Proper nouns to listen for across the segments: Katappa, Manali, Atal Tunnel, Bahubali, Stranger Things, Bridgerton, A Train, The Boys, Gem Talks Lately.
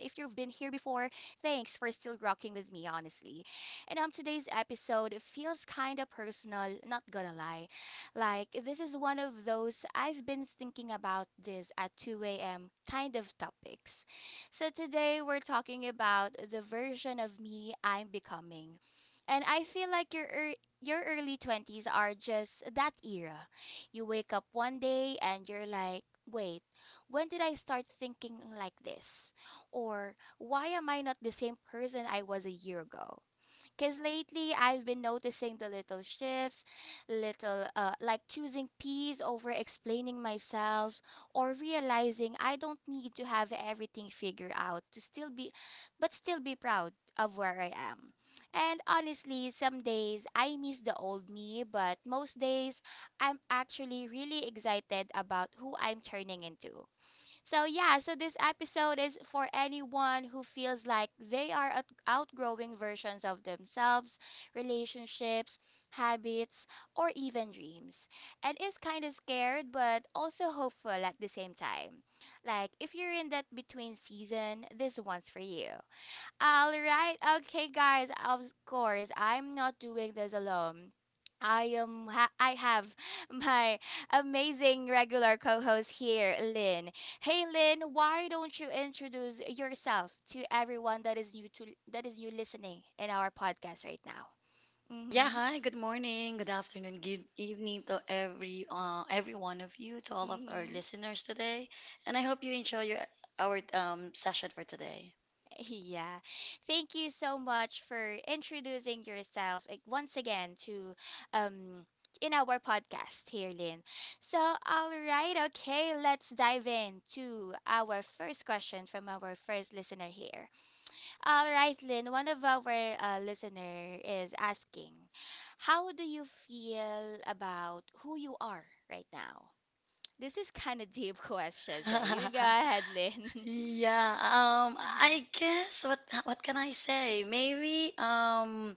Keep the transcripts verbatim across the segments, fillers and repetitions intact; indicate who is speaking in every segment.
Speaker 1: thanks for still rocking with me, honestly. And um today's episode feels kinda personal, not gonna lie. Like this is one of those I've been thinking about this at two a m kind of topics. So today we're talking about the version of me I'm becoming. And I feel like your ear your early twenties are just that era. You wake up one day and you're like, "Wait, when did I start thinking like this?" Or, "Why am I not the same person I was a year ago?" Because lately I've been noticing the little shifts, little uh, like choosing peace over explaining myself, or realizing I don't need to have everything figured out to still be, but still be proud of where I am. And honestly, some days I miss the old me, but most days I'm actually really excited about who I'm turning into. So, yeah, so this episode is for anyone who feels like they are out- outgrowing versions of themselves, relationships, habits, or even dreams, and is kind of scared but also hopeful at the same time. Like, if you're in that between season, this one's for you. All right. Okay, guys. Of course, I'm not doing this alone. I am ha- I have my amazing regular co-host here, Lynn. Hey Lynn, why don't you introduce yourself to everyone that is new to that is new listening in our podcast right now?
Speaker 2: Yeah, hi, good morning, good afternoon, good evening to every uh, every one of you, to all of our
Speaker 1: Mhm.
Speaker 2: listeners today. And I hope you enjoy your our um session for today.
Speaker 1: Yeah. Thank you so much for introducing yourself, like, once again to um in our podcast here, Lynn. So, all right, okay, let's dive into our first question from our first listener here. All right, Lynn, one of our uh, listener is asking, how do you feel about who you are right now? This is kind of deep question, so you go ahead, Lynn.
Speaker 2: yeah, um
Speaker 1: Mm-hmm.
Speaker 2: I guess what what can I say? Maybe um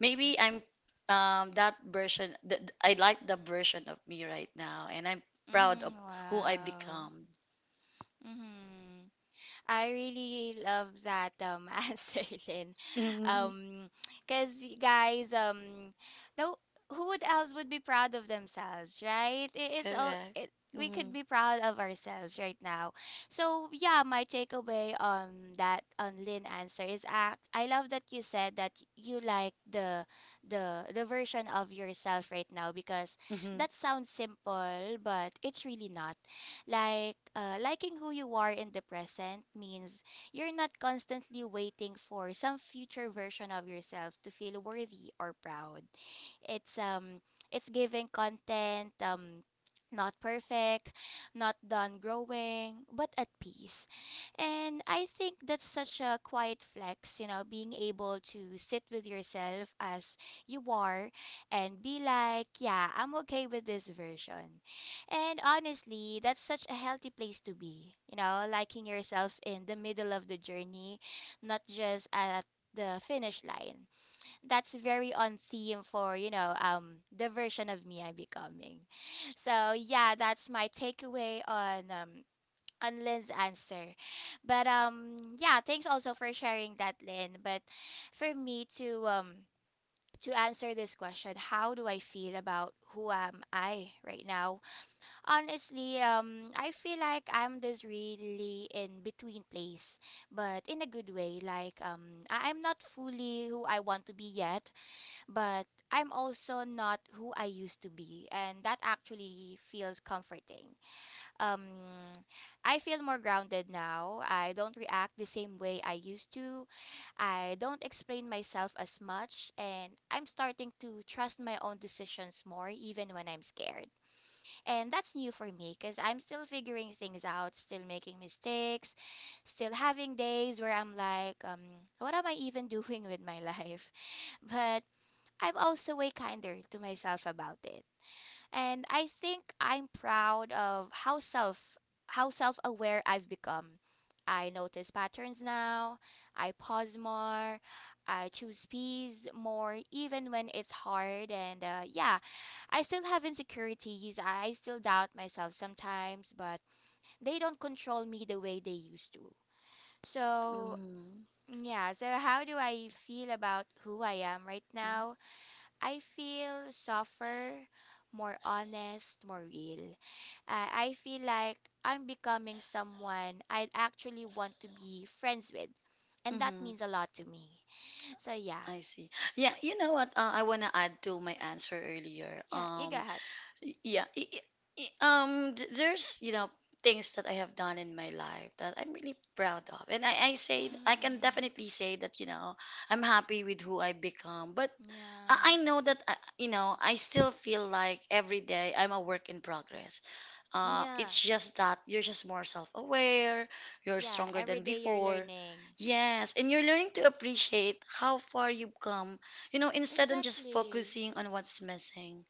Speaker 2: maybe I'm um that version th- th- I like the version of me right now and I'm proud of
Speaker 1: Mm-hmm.
Speaker 2: who I
Speaker 1: Wow.
Speaker 2: become.
Speaker 1: Mm-hmm. I really love that um answer, Lynn. Um, Cause y- guys, um, no, who would else would be proud of themselves, right? It is all
Speaker 2: Correct.
Speaker 1: it. We could
Speaker 2: Mm-hmm.
Speaker 1: be proud of ourselves right now. So yeah, my takeaway on that on Lynn answer is act. I love that you said that you like the the the version of yourself right now, because
Speaker 2: Mm-hmm.
Speaker 1: that sounds simple, but it's really not. Like, uh, liking who you are in the present means you're not constantly waiting for some future version of yourself to feel worthy or proud. It's um it's giving content, um not perfect, not done growing, but at peace. And I think that's such a quiet flex, you know, being able to sit with yourself as you are and be like, yeah, I'm okay with this version. And honestly, that's such a healthy place to be, you know, liking yourself in the middle of the journey, not just at the finish line. That's very on theme for, you know, um the version of me I'm becoming. So yeah, that's my takeaway on um on Lynn's answer. But um yeah, thanks also for sharing that, Lynn. But for me to um to answer this question, how do I feel about who am I right now? Honestly, um, I feel like I'm this really in between place, but in a good way. Like, um, I- I'm not fully who I want to be yet, but I'm also not who I used to be, and that actually feels comforting. Um, I feel more grounded now. I don't react the same way I used to. I don't explain myself as much, and I'm starting to trust my own decisions more, even when I'm scared. And that's new for me because I'm still figuring things out, still making mistakes, still having days where I'm like, um, what am I even doing with my life? But I'm also way kinder to myself about it. And I think I'm proud of how self how self-aware I've become. I notice patterns now. I pause more. I choose peace more, even when it's hard, and uh, yeah, I still have insecurities. I still doubt myself sometimes, but they don't control me the way they used to. So,
Speaker 2: Mm-hmm.
Speaker 1: yeah, so how do I feel about who I am right
Speaker 2: Mm-hmm,
Speaker 1: now? I feel softer, more honest, more real. Uh, I feel like I'm becoming someone I'd actually want to be friends with. And that
Speaker 2: mm-hmm.
Speaker 1: means a lot to me. So yeah.
Speaker 2: I see. Yeah, you know what? Uh, I want to add to my answer earlier.
Speaker 1: Yeah, you go
Speaker 2: Um,
Speaker 1: ahead.
Speaker 2: y- yeah, i- i- i- um, th- there's you know things that I have done in my life that I'm really proud of, and I, I say I can
Speaker 1: Mm,
Speaker 2: definitely say that you know I'm happy with who I become, but I
Speaker 1: yeah.
Speaker 2: I know that I, you know I still feel like every day I'm a work in progress. Uh,
Speaker 1: Yeah.
Speaker 2: it's just that you're just more self aware, you're
Speaker 1: Yeah.
Speaker 2: stronger
Speaker 1: Every
Speaker 2: than
Speaker 1: day you're
Speaker 2: before.
Speaker 1: learning.
Speaker 2: Yes, and you're learning to appreciate how far you've come, you know, instead of just
Speaker 1: Exactly.
Speaker 2: focusing on what's missing.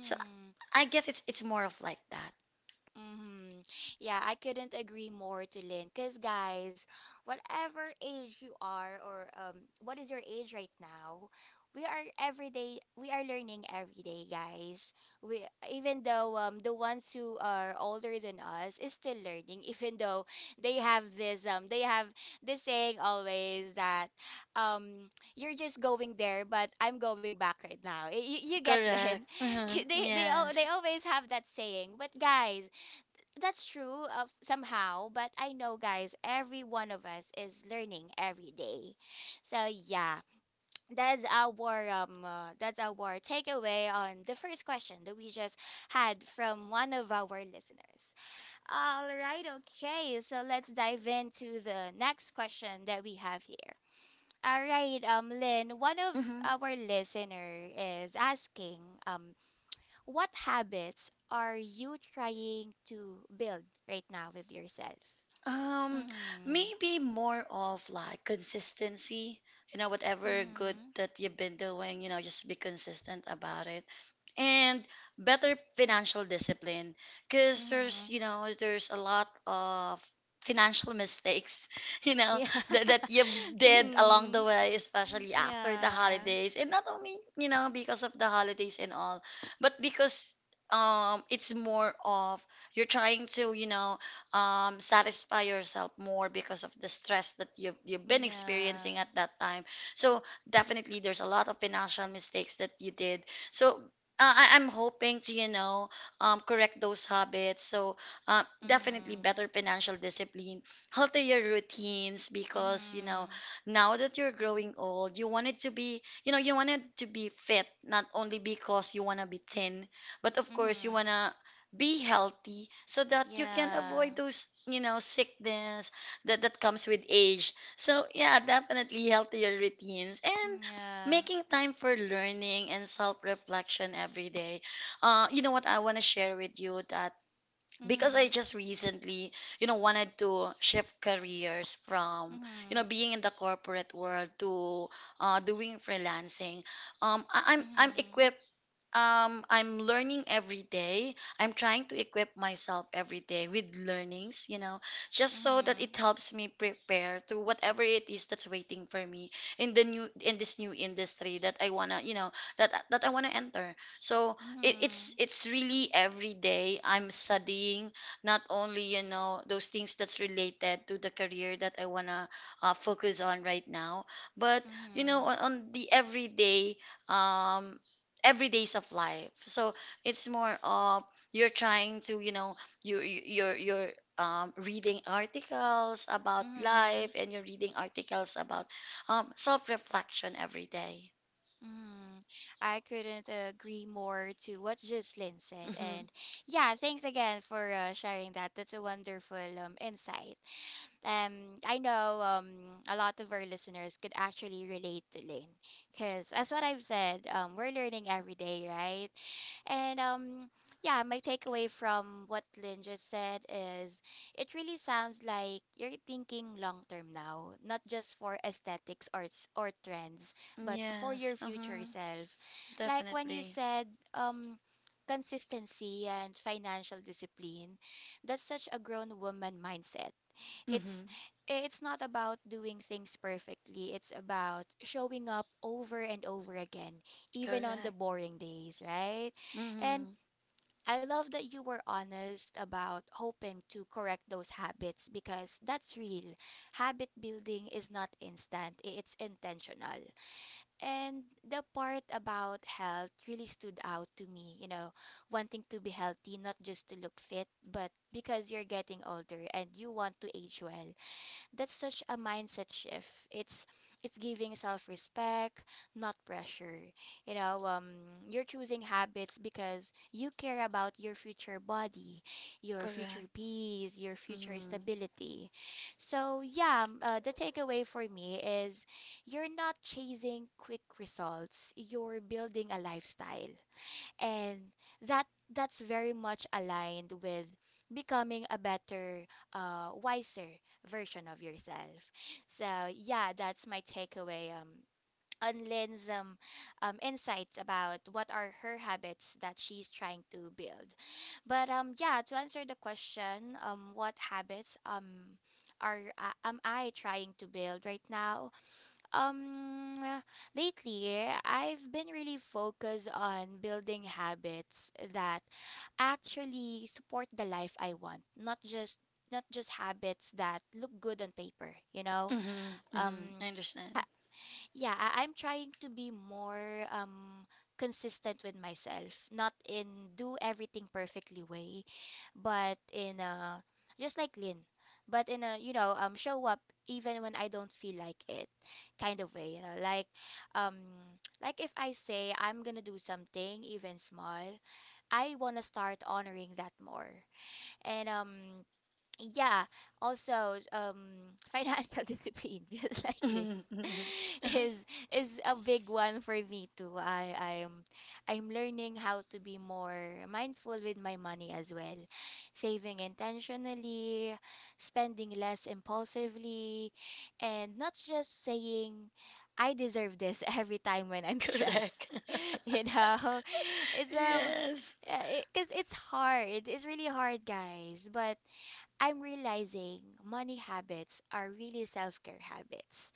Speaker 2: So I guess it's it's more of like that.
Speaker 1: Mm-hmm. Yeah, I couldn't agree more to Lynn. Because, guys, whatever age you are, or um, what is your age right now, we are every day, we are learning every day, guys. We Even though, um, the ones who are older than us is still learning, even though they have this, um, they have this saying always that, um, you're just going there, but I'm going back right now. You, you get,
Speaker 2: Correct.
Speaker 1: Lynn?
Speaker 2: Mhm.
Speaker 1: They, they, all, they
Speaker 2: Yes.
Speaker 1: always have that saying. But, guys, that's true, uh, somehow, but I know, guys, every one of us is learning every day. So yeah, that's our um uh, that's our takeaway on the first question that we just had from one of our listeners. All right, okay, so let's dive into the next question that we have here. All right, um Lynn, one of
Speaker 2: Hmm.
Speaker 1: our listener is asking, um what habits are you trying to build right now with yourself?
Speaker 2: Um,
Speaker 1: Mhm.
Speaker 2: maybe more of like consistency. You know, whatever good
Speaker 1: Mm-hmm.
Speaker 2: that you've been doing, you know, just be consistent about it. And better financial discipline because there's
Speaker 1: Mm-hmm.
Speaker 2: you know there's a lot of financial mistakes you know
Speaker 1: Yeah.
Speaker 2: that, that you did along the
Speaker 1: Mm.
Speaker 2: way, especially after the
Speaker 1: Yeah.
Speaker 2: holidays, and not only you know because of the holidays and all, but because um it's more of you're trying to you know um satisfy yourself more because of the stress that you've, you've been experiencing
Speaker 1: Yeah.
Speaker 2: at that time. So definitely there's a lot of financial mistakes that you did. So uh, I, I'm hoping to, you know, um, correct those habits. So, uh, definitely
Speaker 1: Mm-hmm.
Speaker 2: better financial discipline, healthier routines, because, you know,
Speaker 1: Mm-hmm.
Speaker 2: now that you're growing old, you wanted to be, you know, you wanted to be fit, not only because you want to be thin, but of course, you
Speaker 1: Mm-hmm.
Speaker 2: want to be healthy so that you can
Speaker 1: Yeah.
Speaker 2: avoid those you know sickness that that comes with age. So yeah, definitely healthier routines, and
Speaker 1: Yeah.
Speaker 2: making time for learning and self-reflection every day. Uh, you know what, I want to share with you that because I
Speaker 1: Mm-hmm.
Speaker 2: just recently you know wanted to shift careers from you know
Speaker 1: Mm-hmm.
Speaker 2: being in the corporate world to uh, doing freelancing. Um, I- i'm i'm equipped, um I'm learning every day. I'm trying to equip myself every day with learnings, you know, just so that
Speaker 1: Mm-hmm.
Speaker 2: it helps me prepare to whatever it is that's waiting for me in the new in this new industry that I wanna, you know, that that I wanna enter. So
Speaker 1: Mm-hmm.
Speaker 2: it, it's
Speaker 1: Mm-hmm.
Speaker 2: it's really every day I'm studying, not only you know those things that's related to the career that I wanna uh, focus on right now, but you know
Speaker 1: Mm-hmm.
Speaker 2: on, on the everyday um every days of life. So it's more of you're trying to you know you you- you're you're um, reading articles about
Speaker 1: Mm-hmm.
Speaker 2: life, and you're reading articles about um, self-reflection every day.
Speaker 1: Mm, I couldn't agree more to what Jocelyn said.
Speaker 2: Mm-hmm.
Speaker 1: And yeah, thanks again for uh, sharing that. That's a wonderful, um, insight. Um, I know, um, a lot of our listeners could actually relate to Lynn because, as what I've said, um, we're learning every day, right? And um, yeah, my takeaway from what Lynn just said is it really sounds like you're thinking long term now, not just for aesthetics or s- or trends, but for
Speaker 2: Yes.
Speaker 1: your
Speaker 2: Uh
Speaker 1: future
Speaker 2: huh.
Speaker 1: self. Like when you
Speaker 2: Definitely.
Speaker 1: said, um consistency and financial discipline, that's such a grown woman mindset. it's
Speaker 2: Mm-hmm.
Speaker 1: eh, it's not about doing things perfectly, it's about showing up over and over again, even on the
Speaker 2: Correct.
Speaker 1: boring days, right? And
Speaker 2: Mm-hmm.
Speaker 1: I love that you were honest about hoping to correct those habits, because that's real. Habit building is not instant, i- it's intentional. And the part about health really stood out to me, you know, wanting to be healthy, not just to look fit, but because you're getting older and you want to age well. That's such a mindset shift. It's it's giving self-respect, not pressure. You know, um, you're choosing habits because you care about your future body, your future
Speaker 2: Correct.
Speaker 1: peace, your future
Speaker 2: Mm-hmm.
Speaker 1: stability. So yeah, m- uh, the takeaway for me is you're not chasing quick results. You're building a lifestyle, and that that's very much aligned with becoming a better, uh wiser version of yourself. So yeah, that's my takeaway, um on Lynn's, um, um, insights about what are her habits that she's trying to build. But um, yeah, to answer the question, um, what habits, um, are uh, am I trying to build right now? Um, Lately, I've been really focused on building habits that actually support the life I want, not just not just habits that look good on paper, you know?
Speaker 2: Mm-hmm. Mm-hmm.
Speaker 1: Um
Speaker 2: I understand.
Speaker 1: yeah, I- I'm trying to be more, um consistent with myself, not in do everything perfectly way, but in a, just like Lynn, but in a, you know, um show up even when I don't feel like it kind of way, you know, like um like if I say I'm gonna do something even small, I want to start honoring that more. And um yeah, also um financial discipline, just like Lynn,
Speaker 2: Mm-hmm.
Speaker 1: is is a big one for me too. I i'm i'm learning how to be more mindful with my money as well, saving intentionally, spending less impulsively, and not just saying, "I deserve this," every time when I'm stressed.
Speaker 2: Correct.
Speaker 1: You know, it's
Speaker 2: Yeah.
Speaker 1: um because it's hard, it's really hard, guys, but I'm realizing money habits are really self care habits.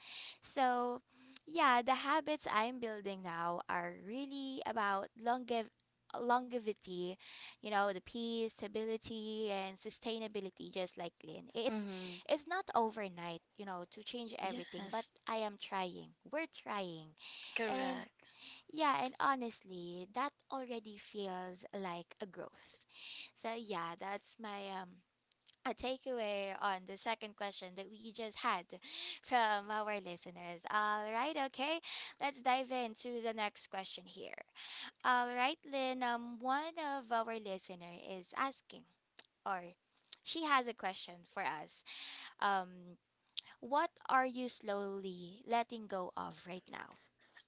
Speaker 1: So, yeah, the habits I'm building now are really about longev- longevity, you know, the peace, stability, and sustainability, just like Lynn. It's,
Speaker 2: Mm-hmm.
Speaker 1: it's not overnight, you know, to change everything, but
Speaker 2: Yes.
Speaker 1: I am trying. We're trying. And
Speaker 2: Correct.
Speaker 1: yeah, and honestly, that already feels like a growth. So yeah, that's my, um a takeaway on the second question that we just had from our listeners. All right, okay. Let's dive into the next question here. All right, Lynn, um, one of our listener is asking, or she has a question for us. Um, what are you slowly letting go of right now?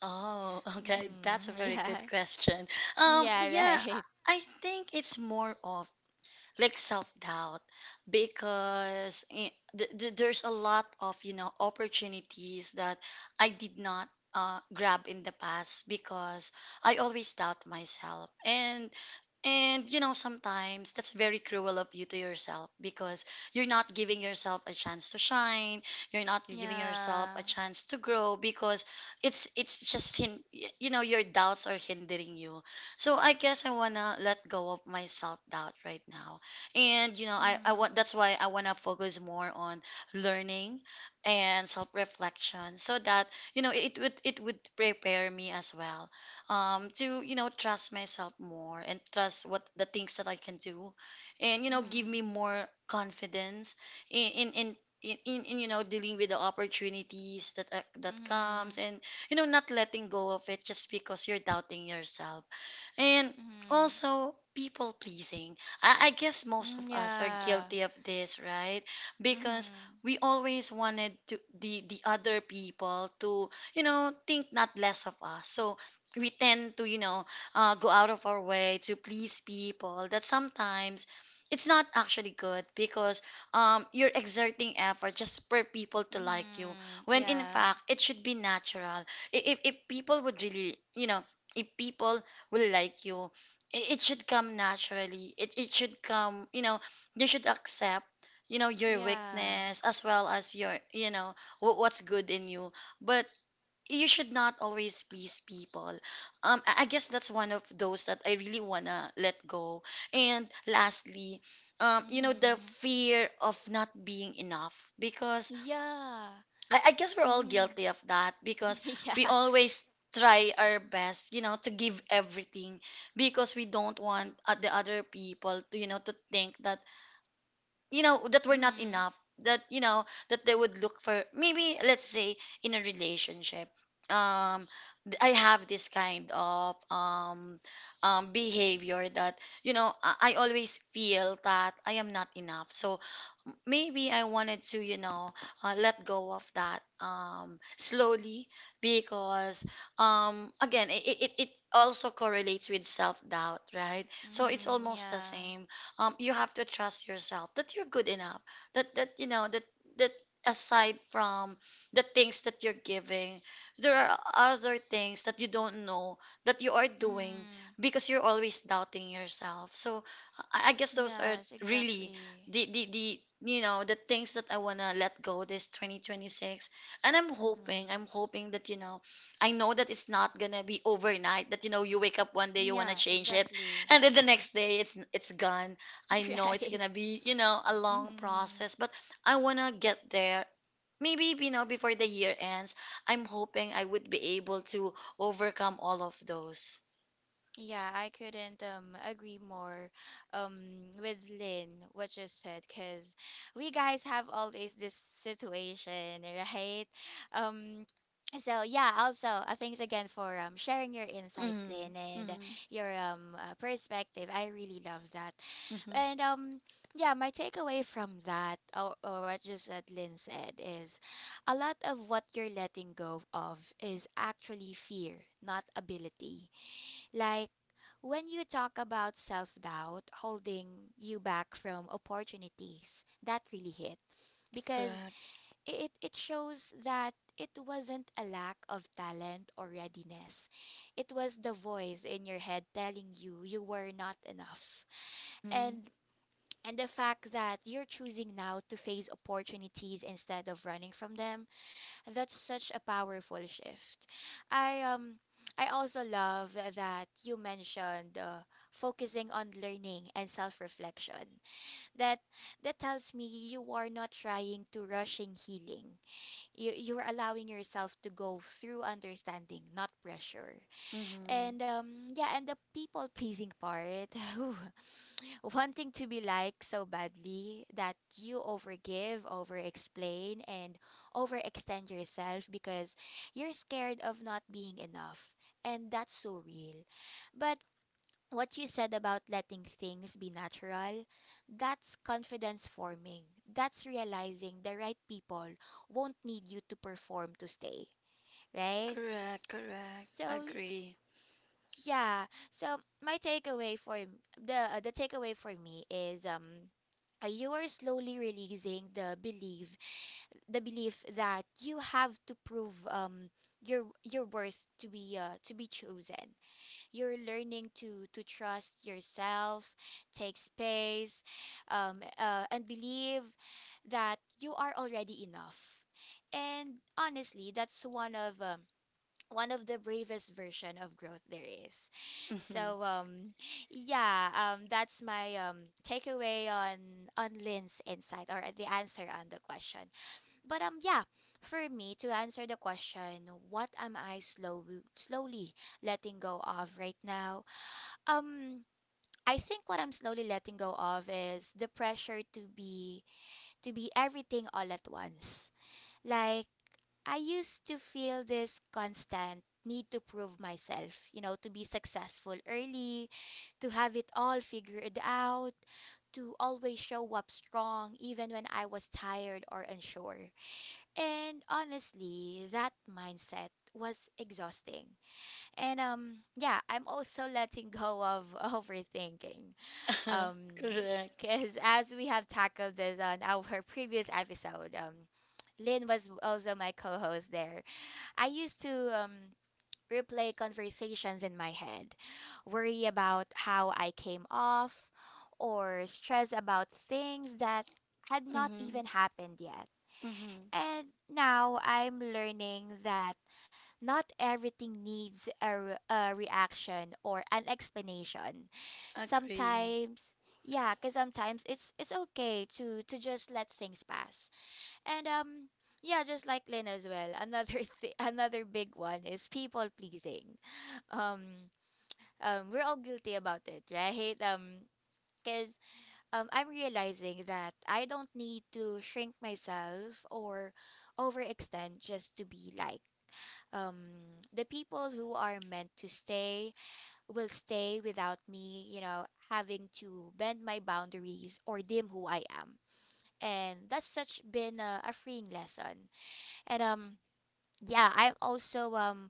Speaker 2: Oh, okay. That's a
Speaker 1: Mm-hmm.
Speaker 2: very
Speaker 1: Yeah.
Speaker 2: good question. Um,
Speaker 1: Yeah,
Speaker 2: yeah, I
Speaker 1: right.
Speaker 2: I think it's more of like self-doubt because eh, th- th- there's a lot of, you know, opportunities that I did not uh, grab in the past because I always doubt myself. And and you know, sometimes that's very cruel of you to yourself because you're not giving yourself a chance to shine. You're not giving yourself a
Speaker 1: Yeah.
Speaker 2: chance to grow because it's it's just hin- y- you know your doubts are hindering you. So I guess I wanna let go of my self doubt right now, and you know I I want
Speaker 1: Mm-hmm.
Speaker 2: that's why I wanna focus more on learning and self reflection so that you know it would it would prepare me as well, um, to you know trust myself more and trust what the things that I can do, and you know give me more confidence in in. in in, in, in you know dealing with the opportunities that uh, that comes,
Speaker 1: Mm-hmm.
Speaker 2: and you know not letting go of it just because you're doubting yourself. And
Speaker 1: Mm-hmm.
Speaker 2: also, people pleasing. I, I guess most of
Speaker 1: Mm-hmm.
Speaker 2: us are
Speaker 1: Yeah.
Speaker 2: guilty of this, right? Because
Speaker 1: Mhm.
Speaker 2: we always wanted to the the other people to you know think not less of us. So we tend to you know uh, go out of our way to please people. That sometimes it's not actually good because um, you're exerting effort just for people to like you
Speaker 1: Mhm.
Speaker 2: when in
Speaker 1: Yeah.
Speaker 2: fact it should be natural. I- if, if people would really you know if people will like you. It, it should come naturally. It, it should come, you know, you should accept, you know, your
Speaker 1: Yeah.
Speaker 2: weakness as well as your, you know, wh- what's good in you. But you should not always please people. Um, I I guess that's one of those that I really wanna let go. And lastly, um, you know, the
Speaker 1: Mhm.
Speaker 2: fear of not being enough because
Speaker 1: Yeah.
Speaker 2: I, I guess we're all
Speaker 1: Mhm.
Speaker 2: guilty of that because
Speaker 1: Yeah.
Speaker 2: we always try our best, you know, to give everything, because we don't want uh, the other people to, you know, to think that you know that were not
Speaker 1: Mhm.
Speaker 2: enough, that you know that they would look for maybe let's say in a relationship. um th- I have this kind of um um behavior that you know i, I always feel that I am not enough. So m- maybe I wanted to you know uh, let go of that um slowly, because um again, it, it, it it also correlates with self-doubt, right? So it's
Speaker 1: Mhm.
Speaker 2: almost the
Speaker 1: Yeah.
Speaker 2: same. Um, you have to trust yourself that you're good enough. That that you know that that aside from the things that you're giving, there are other things that you don't know that you are doing
Speaker 1: Mhm.
Speaker 2: because you're always doubting yourself. So I, I guess those are
Speaker 1: Yes,
Speaker 2: really
Speaker 1: exactly.
Speaker 2: the the the you know the things that I wanna let go this twenty twenty-six. And I'm hoping
Speaker 1: Mhm.
Speaker 2: I'm hoping that you know, I know that it's not gonna be overnight. That you know, you wake up one day, you wanna
Speaker 1: Yeah,
Speaker 2: change it,
Speaker 1: exactly.
Speaker 2: and then the next day it's it's gone. I know it's
Speaker 1: Right.
Speaker 2: gonna be, you know, a long
Speaker 1: Mhm.
Speaker 2: process, but I wanna get there. Maybe, you know, before the year ends, I'm hoping I would be able to overcome all of those.
Speaker 1: Yeah, I couldn't um agree more um with Lynn what you said, because we guys have always this situation, right? Um so yeah, also, uh, thanks again for um sharing your insights, Lynn,
Speaker 2: Mm-hmm.
Speaker 1: and
Speaker 2: Mm-hmm.
Speaker 1: your um uh, perspective. I really love that.
Speaker 2: Mm-hmm.
Speaker 1: And um yeah, my takeaway from that or, or what just that Lynn said is a lot of what you're letting go of is actually fear, not ability, like when you talk about self doubt holding you back from opportunities, that really hit, because
Speaker 2: Correct.
Speaker 1: it, it shows that it wasn't a lack of talent or readiness. It was the voice in your head telling you you were not enough. And and the fact that you're choosing now to face opportunities instead of running from them, that's such a powerful shift. I um I also love that you mentioned uh, focusing on learning and self-reflection. That that tells me you are not trying to rushing healing. You you're allowing yourself to go through understanding, not pressure.
Speaker 2: Mm-hmm.
Speaker 1: And um yeah, and the people pleasing part, whew, wanting to be liked so badly that you overgive, over explain, and overextend yourself because you're scared of not being enough. And that's so real. But what you said about letting things be natural, that's confidence forming. That's realizing the right people won't need you to perform to stay, right?
Speaker 2: Correct. Correct.
Speaker 1: So
Speaker 2: Agree.
Speaker 1: yeah. So my takeaway for m- the uh, the takeaway for me is um uh, you are slowly releasing the belief the belief that you have to prove um your your worth to be uh, to be chosen. You're learning to to trust yourself, take space, um uh, and believe that you are already enough. And honestly, that's one of um one of the bravest version of growth there is.
Speaker 2: Mm-hmm.
Speaker 1: So um yeah, um that's my um takeaway on on Lynn's insight or the answer on the question. But um yeah, for me to answer the question, what am I slow slowly letting go of right now? Um I think what I'm slowly letting go of is the pressure to be to be everything all at once. Like I used to feel this constant need to prove myself, you know, to be successful early, to have it all figured out, to always show up strong even when I was tired or unsure. And honestly, that mindset was exhausting. And um yeah, I'm also letting go of overthinking. Um
Speaker 2: Correct.
Speaker 1: because as we have tackled this on our previous episode, um Lynn was also my co-host there, I used to um, replay conversations in my head, worry about how I came off, or stress about things that had not
Speaker 2: Mm-hmm.
Speaker 1: even happened yet.
Speaker 2: Mm-hmm.
Speaker 1: And now I'm learning that not everything needs a, re- a reaction or an explanation.
Speaker 2: Agree.
Speaker 1: Sometimes, yeah, because sometimes it's it's okay to to just let things pass. And um yeah, just like Lynn as well. Another th- another big one is people pleasing. Um um we're all guilty about it, right? Um because um I'm realizing that I don't need to shrink myself or overextend just to be liked. Um the people who are meant to stay will stay without me, you know, having to bend my boundaries or dim who I am. And that's such been a, a freeing lesson. And um yeah, I'm also um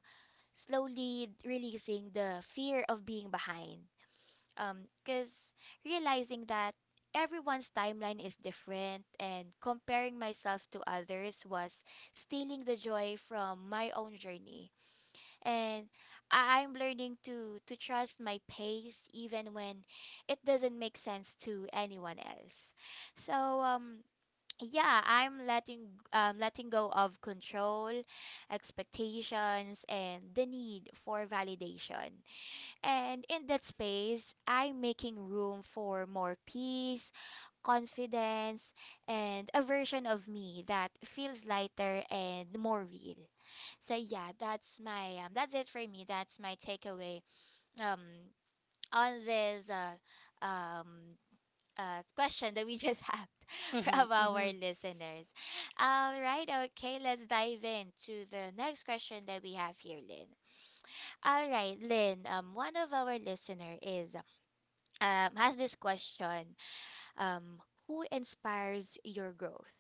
Speaker 1: slowly releasing the fear of being behind. Um, cause realizing that everyone's timeline is different, and comparing myself to others was stealing the joy from my own journey. And I- I'm learning to to trust my pace even when it doesn't make sense to anyone else. So um yeah, I'm letting um letting go of control, expectations, and the need for validation, and in that space I'm making room for more peace, confidence, and a version of me that feels lighter and more real. So yeah, that's my um, that's it for me, that's my takeaway um on this uh, um, uh, question that we just had from
Speaker 2: Mm-hmm.
Speaker 1: our listeners. All right, okay, let's dive into the next question that we have here, Lynn. All right, Lynn, um, one of our listener is um, has this question. Um, who inspires your growth?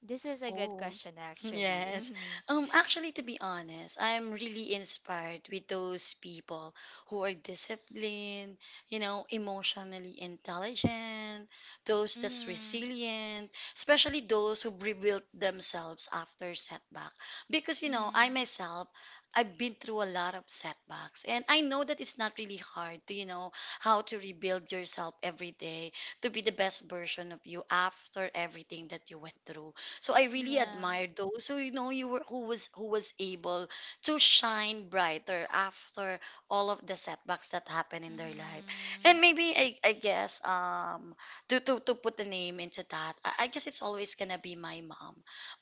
Speaker 1: This is a good
Speaker 2: Oh,
Speaker 1: question, actually.
Speaker 2: yes. Um, actually, to be honest, I'm really inspired with those people who are disciplined, you know, emotionally intelligent, those that's
Speaker 1: Mm-hmm.
Speaker 2: resilient, especially those who rebuilt themselves after setback. Because, you know, I
Speaker 1: Mm-hmm.
Speaker 2: myself, I've been through a lot of setbacks, and I know that it's not really hard to, you know, how to rebuild yourself every day to be the best version of you after everything that you went through. So I
Speaker 1: Mm-hmm.
Speaker 2: really
Speaker 1: Yeah.
Speaker 2: admire those. So you know, you were who was who was able to shine brighter after all of the setbacks that happened in their life.
Speaker 1: Mm-hmm.
Speaker 2: And maybe I, I guess um to, to to put the name into that, I, I guess it's always gonna be my mom,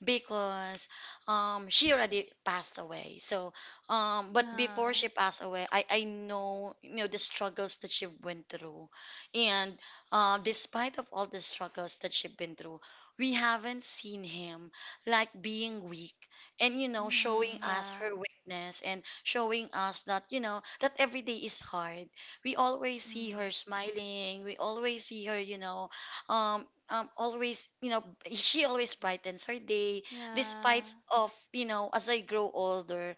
Speaker 2: because um she already passed away. So um but
Speaker 1: Yeah.
Speaker 2: before she passed away, I I know you know the struggles that she went through, and uh, despite of all the struggles that she's been through, we haven't seen him like being weak, and you know showing
Speaker 1: Mm-hmm.
Speaker 2: us
Speaker 1: Yeah.
Speaker 2: her weakness, and showing us that you know that every day is hard. We always see
Speaker 1: Mm-hmm.
Speaker 2: her smiling, we always see her you know um um always you know, she always brightens her day,
Speaker 1: Yeah.
Speaker 2: despite of you know as I grow older,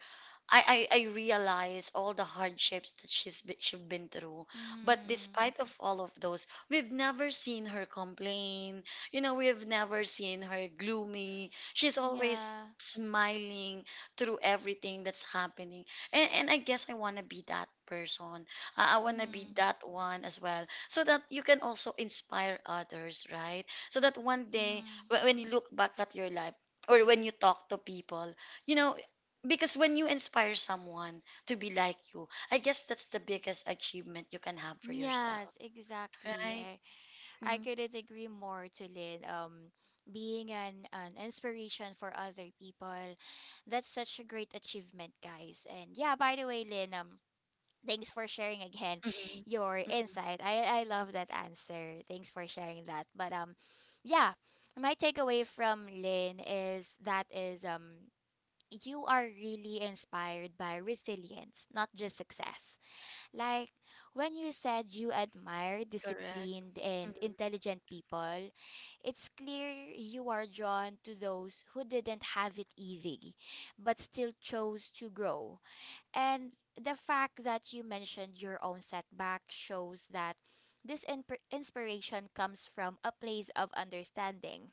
Speaker 2: I, I I realize all the hardships that she's be- she's been through, but
Speaker 1: Mm-hmm.
Speaker 2: despite of all of those, we've never seen her complain. You know, we've never seen her gloomy. She's always
Speaker 1: Yeah.
Speaker 2: smiling through everything that's happening. And and I guess I want to be that person. I, I want to be
Speaker 1: Mm-hmm.
Speaker 2: that one as well, so that you can also inspire others, right? So that one day,
Speaker 1: Mm-hmm.
Speaker 2: wh- when you look back at your life or when you talk to people you know, because when you inspire someone to be like you, I guess that's the biggest achievement you can have for
Speaker 1: Yes,
Speaker 2: yourself,
Speaker 1: exactly.
Speaker 2: right?
Speaker 1: I I
Speaker 2: Mm-hmm.
Speaker 1: couldn't agree more to Lynn. Um, being an an inspiration for other people, that's such a great achievement, guys. And yeah, by the way, Lynn, um, thanks for sharing again
Speaker 2: Mm-hmm.
Speaker 1: your
Speaker 2: Mm-hmm.
Speaker 1: insight. I I love that answer. Thanks for sharing that. But um, yeah, my takeaway from Lynn is that is um you are really inspired by resilience, not just success. Like when you said you admire
Speaker 2: Correct.
Speaker 1: disciplined and
Speaker 2: Mm-hmm.
Speaker 1: intelligent people, it's clear you are drawn to those who didn't have it easy but still chose to grow. And the fact that you mentioned your own setback shows that this in- inspiration comes from a place of understanding,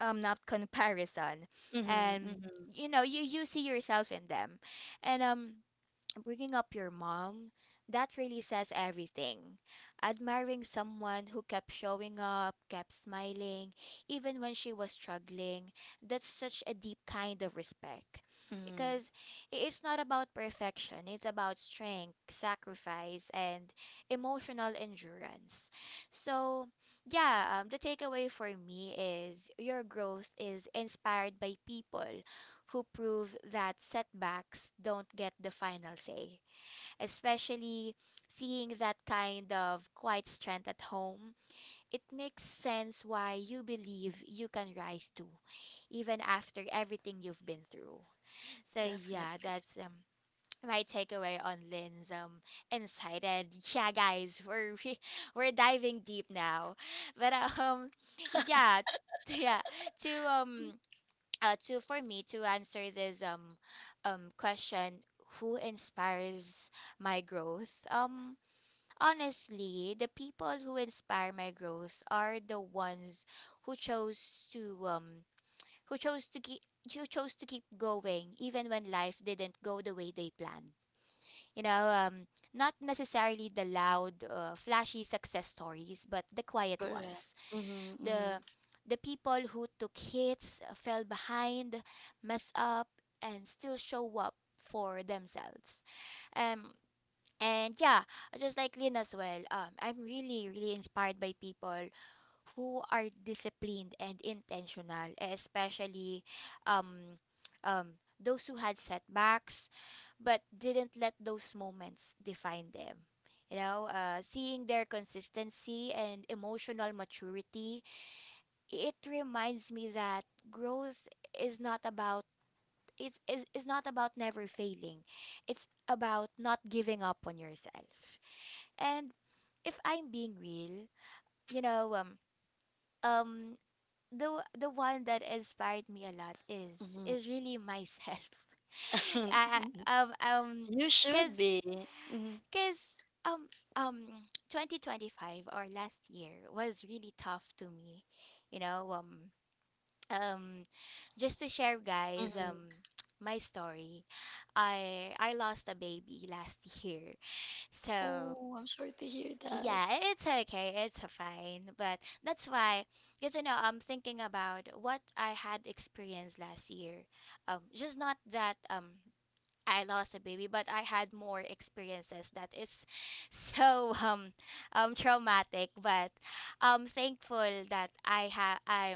Speaker 1: um not comparison,
Speaker 2: Mm-hmm.
Speaker 1: and
Speaker 2: Mm-hmm.
Speaker 1: you know you you see yourself in them. And um bringing up your mom, that really says everything. Admiring someone who kept showing up, kept smiling, even when she was struggling, that's such a deep kind of respect.
Speaker 2: Mm-hmm.
Speaker 1: Because i- it's not about perfection, it's about strength, sacrifice, and emotional endurance. So, yeah, um, the takeaway for me is your growth is inspired by people who prove that setbacks don't get the final say. Especially seeing that kind of quiet strength at home, it makes sense why you believe you can rise too, even after everything you've been through. So yeah,
Speaker 2: Definitely.
Speaker 1: that's um my takeaway on Lynn's um insight. And yeah, guys, we're re- we're diving deep now, but um yeah. Yeah, to um uh, to, for me to answer this um um question, who inspires my growth? Um honestly, the people who inspire my growth are the ones who chose to um who chose to keep who chose to keep going even when life didn't go the way they planned, you know. Um not necessarily the loud, uh, flashy success stories, but the quiet
Speaker 2: Correct.
Speaker 1: ones,
Speaker 2: Mm-hmm.
Speaker 1: the
Speaker 2: Mm-hmm.
Speaker 1: the people who took hits, uh, fell behind, messed up, and still show up for themselves. Um, and yeah, just like Lynn as well, um, I'm really, really inspired by people who are disciplined and intentional, especially um, um, those who had setbacks but didn't let those moments define them. You know, uh, seeing their consistency and emotional maturity, it reminds me that growth is not about it's is, is not about never failing. It's about not giving up on yourself. And if I'm being real, you know, um um the the one that inspired me a lot is is really myself. I
Speaker 2: Mm-hmm.
Speaker 1: I- um um
Speaker 2: You should
Speaker 1: Cuz
Speaker 2: be. Mm-hmm.
Speaker 1: cuz um um twenty twenty-five, or last year, was really tough to me. You know, um um just to share, guys,
Speaker 2: Mm-hmm.
Speaker 1: um my story, I i lost a baby last year. So
Speaker 2: Oh, I'm sorry to hear that.
Speaker 1: yeah, i- it's okay, it's fine. But that's why, because you know, I'm thinking about what I had experienced last year. Um just not that um I lost a baby, but I had more experiences that is so um um traumatic. But I'm thankful that I have I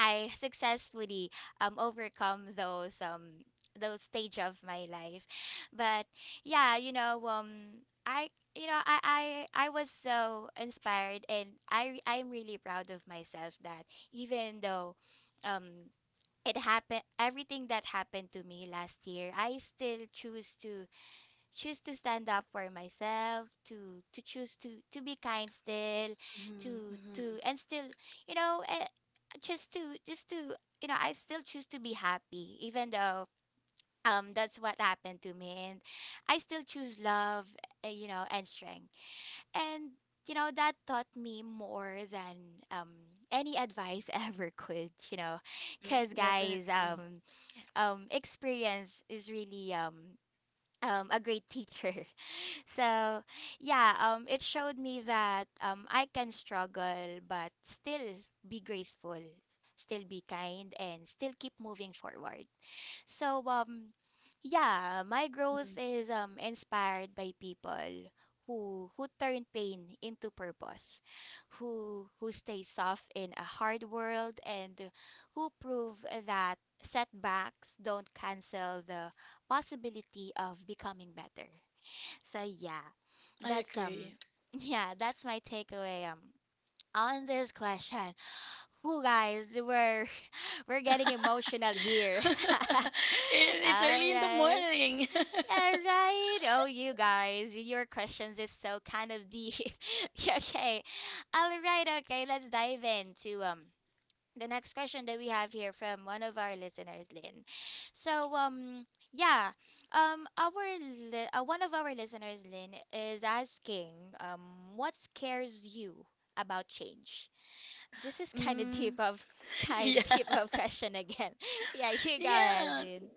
Speaker 1: I successfully um overcome those, um those stage of my life. But yeah, you know, um I, you know, I I I was so inspired, and I I'm really proud of myself that even though um it happened everything that happened to me last year, I still choose to choose to stand up for myself, to to choose to to be kind still,
Speaker 2: Mm-hmm.
Speaker 1: to
Speaker 2: Mm-hmm.
Speaker 1: to and still, you know, eh, just to just to you know, I still choose to be happy even though um that's what happened to me, and I still choose love, uh, you know, and strength. And you know, that taught me more than um any advice ever could, you know. Because guys,
Speaker 2: Definitely.
Speaker 1: um um experience is really um um a great teacher. So yeah, um, it showed me that um, I can struggle but still be graceful, still be kind, and still keep moving forward. So um, yeah, my growth
Speaker 2: Mm.
Speaker 1: is, um, inspired by people who who turn pain into purpose, who who stay soft in a hard world, and who prove that setbacks don't cancel the possibility of becoming better. So yeah,
Speaker 2: I
Speaker 1: that's
Speaker 2: agree.
Speaker 1: um yeah, that's my takeaway um on this question. Who guys, we're we're getting emotional here.
Speaker 2: It,
Speaker 1: All
Speaker 2: it's early in the
Speaker 1: right.
Speaker 2: morning.
Speaker 1: Yeah, right. Oh, you guys, your questions is so kind of deep. Okay. All right, okay. Let's dive into um the next question that we have here from one of our listeners, Lynn. So, um, yeah, um, our li- uh, one of our listeners, Lynn, is asking, um, what scares you about change? This is kind of deep
Speaker 2: Mm,
Speaker 1: of kind
Speaker 2: yeah.
Speaker 1: deep of question again. yeah, you go ahead,
Speaker 2: Yeah,
Speaker 1: Lynn.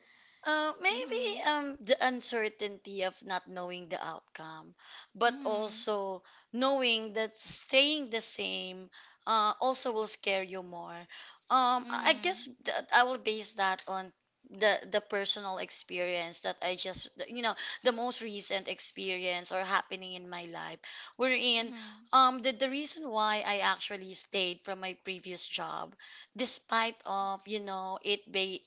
Speaker 2: uh, maybe
Speaker 1: Mhm,
Speaker 2: um the uncertainty of not knowing the outcome, but
Speaker 1: mhm,
Speaker 2: also knowing that staying the same uh, also will scare you more. Um, I I
Speaker 1: mhm,
Speaker 2: guess that I will base that on the the personal experience that I just you know the most recent experience or happening in my life, wherein
Speaker 1: mhm,
Speaker 2: um the, the reason why I actually stayed from my previous job despite of you know it be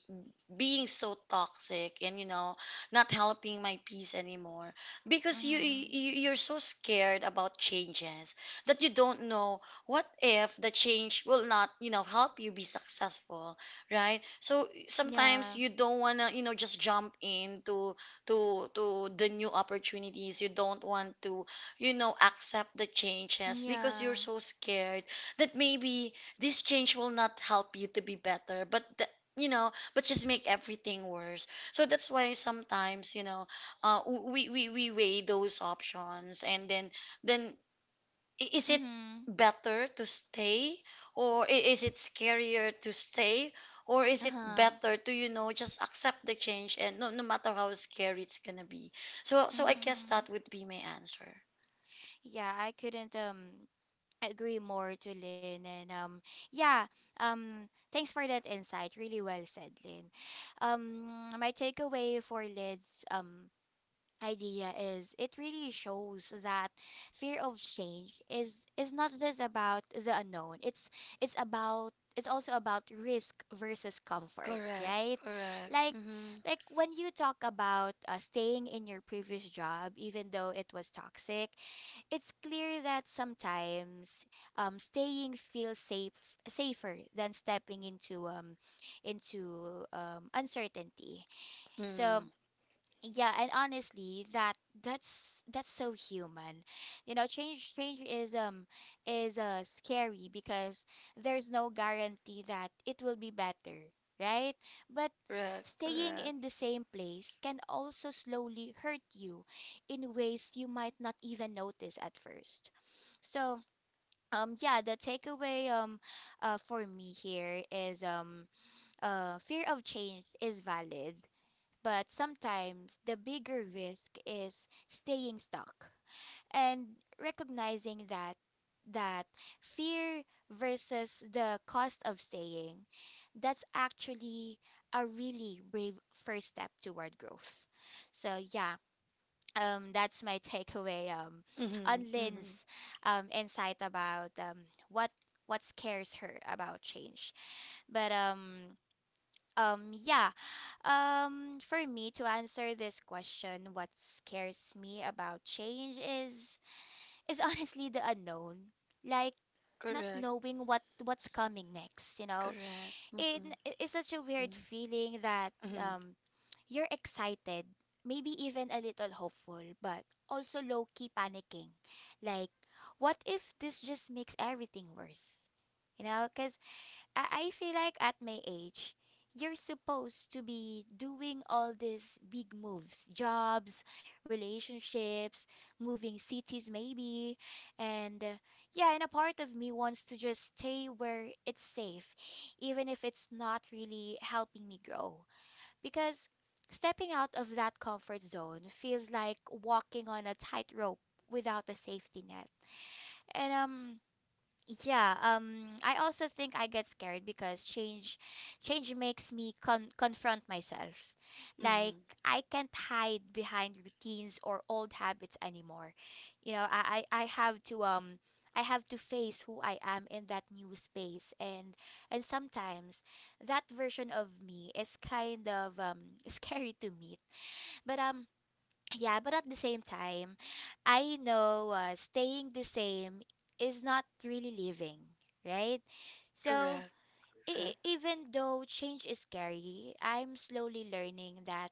Speaker 2: being so toxic and you know not helping my peace anymore because you,
Speaker 1: mhm.
Speaker 2: you you're so scared about changes that you don't know what if the change will not you know help you be successful, right? So sometimes
Speaker 1: Yeah,
Speaker 2: you don't want to you know just jump into to to the new opportunities. You don't want to you know accept the changes because you're
Speaker 1: yeah.
Speaker 2: so scared that maybe this change will not help you to be better, but the, you know but just make everything worse. So that's why sometimes you know, uh, w- we we we weigh those options, and then then i- is it
Speaker 1: Mhm.
Speaker 2: better to stay, or i- is it scarier to stay? Or is
Speaker 1: Uh
Speaker 2: it
Speaker 1: huh.
Speaker 2: better to you know just accept the change, and no, no matter how scary it's gonna be? So so I guess
Speaker 1: Mhm.
Speaker 2: that would be my answer.
Speaker 1: Yeah, I couldn't um I agree more, Julin. And um, yeah, um, thanks for that insight. Really well said, Lynn. Um, my takeaway for Lynn's um idea is it really shows that fear of change is is not just about the unknown. It's it's about it's also about risk versus comfort,
Speaker 2: Correct,
Speaker 1: right?
Speaker 2: correct.
Speaker 1: Like
Speaker 2: Mm-hmm.
Speaker 1: like when you talk about uh, staying in your previous job even though it was toxic, it's clear that sometimes um, staying feels safe safer than stepping into um into um, uncertainty. So
Speaker 2: Mm,
Speaker 1: yeah, and honestly, that that's that's so human. You know, change change is um is uh scary because there's no guarantee that it will be better, right? But
Speaker 2: correct,
Speaker 1: staying
Speaker 2: correct.
Speaker 1: in the same place can also slowly hurt you in ways you might not even notice at first. So, um yeah, the takeaway um uh for me here is um uh fear of change is valid but sometimes the bigger risk is staying stuck and recognizing that that fear versus the cost of staying that's actually a really brave first step toward growth. So yeah um that's my takeaway um
Speaker 2: Mm-hmm,
Speaker 1: on
Speaker 2: mm-hmm.
Speaker 1: Lynn's um insight about um what what scares her about change. But um um yeah um, For me to answer this question, what scares me about change is is honestly the unknown. Like not
Speaker 2: Correct,
Speaker 1: knowing what what's coming next, you know.
Speaker 2: correct.
Speaker 1: It
Speaker 2: Mm-hmm,
Speaker 1: it's such a weird feeling that
Speaker 2: mm-hmm.
Speaker 1: um you're excited, maybe even a little hopeful, but also low key panicking. Like what if this just makes everything worse? You know, cuz I, I feel like at my age, you're supposed to be doing all these big moves, jobs, relationships, moving cities maybe. And uh, yeah, and a part of me wants to just stay where it's safe, even if it's not really helping me grow. Because stepping out of that comfort zone feels like walking on a tightrope without a safety net. And um yeah, um I also think I get scared because change change makes me con- confront myself. Like
Speaker 2: Mhm.
Speaker 1: I can't hide behind routines or old habits anymore. You know, I I, I have to um I have to face who I am in that new space, and and sometimes that version of me is kind of um scary to meet. But um yeah, but at the same time, I know uh, staying the same is not really living, right? So,
Speaker 2: Correct,
Speaker 1: e-
Speaker 2: correct,
Speaker 1: even though change is scary, I'm slowly learning that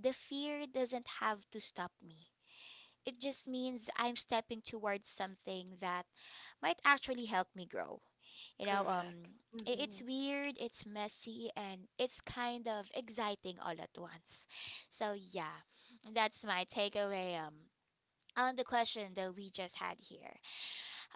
Speaker 1: the fear doesn't have to stop me. It just means I'm stepping towards something that might actually help me grow. You know,
Speaker 2: correct.
Speaker 1: um, i- it's
Speaker 2: Mhm.
Speaker 1: weird, it's messy, and it's kind of exciting all at once. So yeah, that's my takeaway. Um, on the question that we just had here.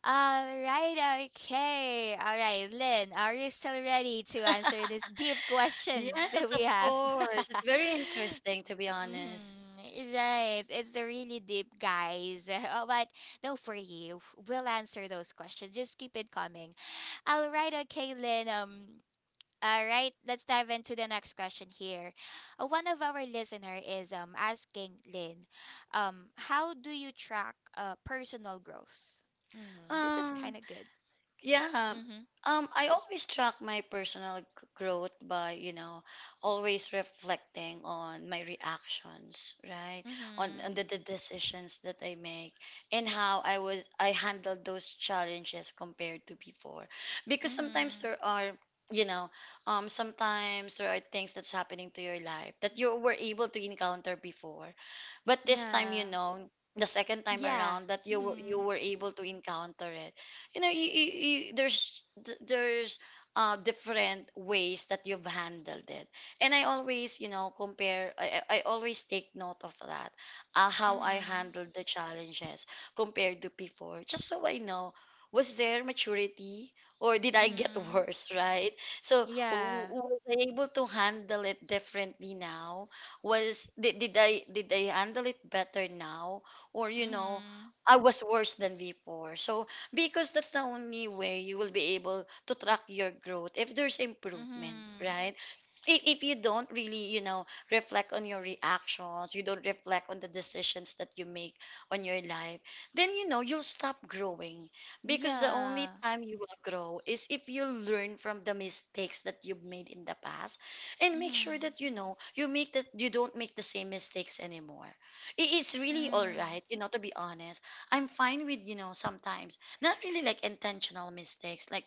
Speaker 1: All right, okay, all right, Lynn, are you still ready to answer these deep questions that
Speaker 2: Yes,
Speaker 1: we
Speaker 2: of
Speaker 1: have?
Speaker 2: course. It's very interesting to be honest.
Speaker 1: Mm-hmm. Right. It's really deep, guys. Oh, but no, for you, we'll answer those questions. Just keep it coming. All right, okay, Lynn. Um, all right, let's dive into the next question here. Uh, one of our listener is um asking Lynn, um, how do you track uh personal growth? Mm, this is
Speaker 2: Um,
Speaker 1: kind of good.
Speaker 2: Yeah.
Speaker 1: Mm-hmm.
Speaker 2: Um, I always track my personal g- growth by, you know, always reflecting on my reactions, right? On,
Speaker 1: Mm-hmm.
Speaker 2: on the, the decisions that I make and how I was I handled those challenges compared to before. Because sometimes there
Speaker 1: Mm-hmm.
Speaker 2: are, you know, um, sometimes there are things that's happening to your life that you were able to encounter before, but this time, you
Speaker 1: Yeah.
Speaker 2: know, the second time
Speaker 1: Yeah.
Speaker 2: around that you were, you
Speaker 1: Mm-hmm.
Speaker 2: were able to encounter it. You know, you, you, you, there's there's uh, different ways that you've handled it. And I always, you know, compare i, I I always take note of that, uh, how I
Speaker 1: Mm-hmm.
Speaker 2: handled the challenges compared to before, just so I know: was there maturity, or did I get
Speaker 1: Mm-hmm.
Speaker 2: worse, right? So w-
Speaker 1: Yeah.
Speaker 2: w- was I able to handle it differently now? Was did, did i did i handle it better now, or you know,
Speaker 1: Mhm.
Speaker 2: I was worse than before. So because that's the only way you will be able to track your growth, if there's improvement,
Speaker 1: Mhm.
Speaker 2: right? if, if you don't really, you know, reflect on your reactions, you don't reflect on the decisions that you make on your life, then you know, you'll stop growing, because the only
Speaker 1: Yeah.
Speaker 2: time you will grow is if you learn from the mistakes that you've made in the past, and make sure
Speaker 1: Mhm.
Speaker 2: that you know, you make that you don't make the same mistakes anymore. I- it's really all
Speaker 1: Mm.
Speaker 2: right, you know, to be honest. I'm fine with, you know, sometimes not really like intentional mistakes, like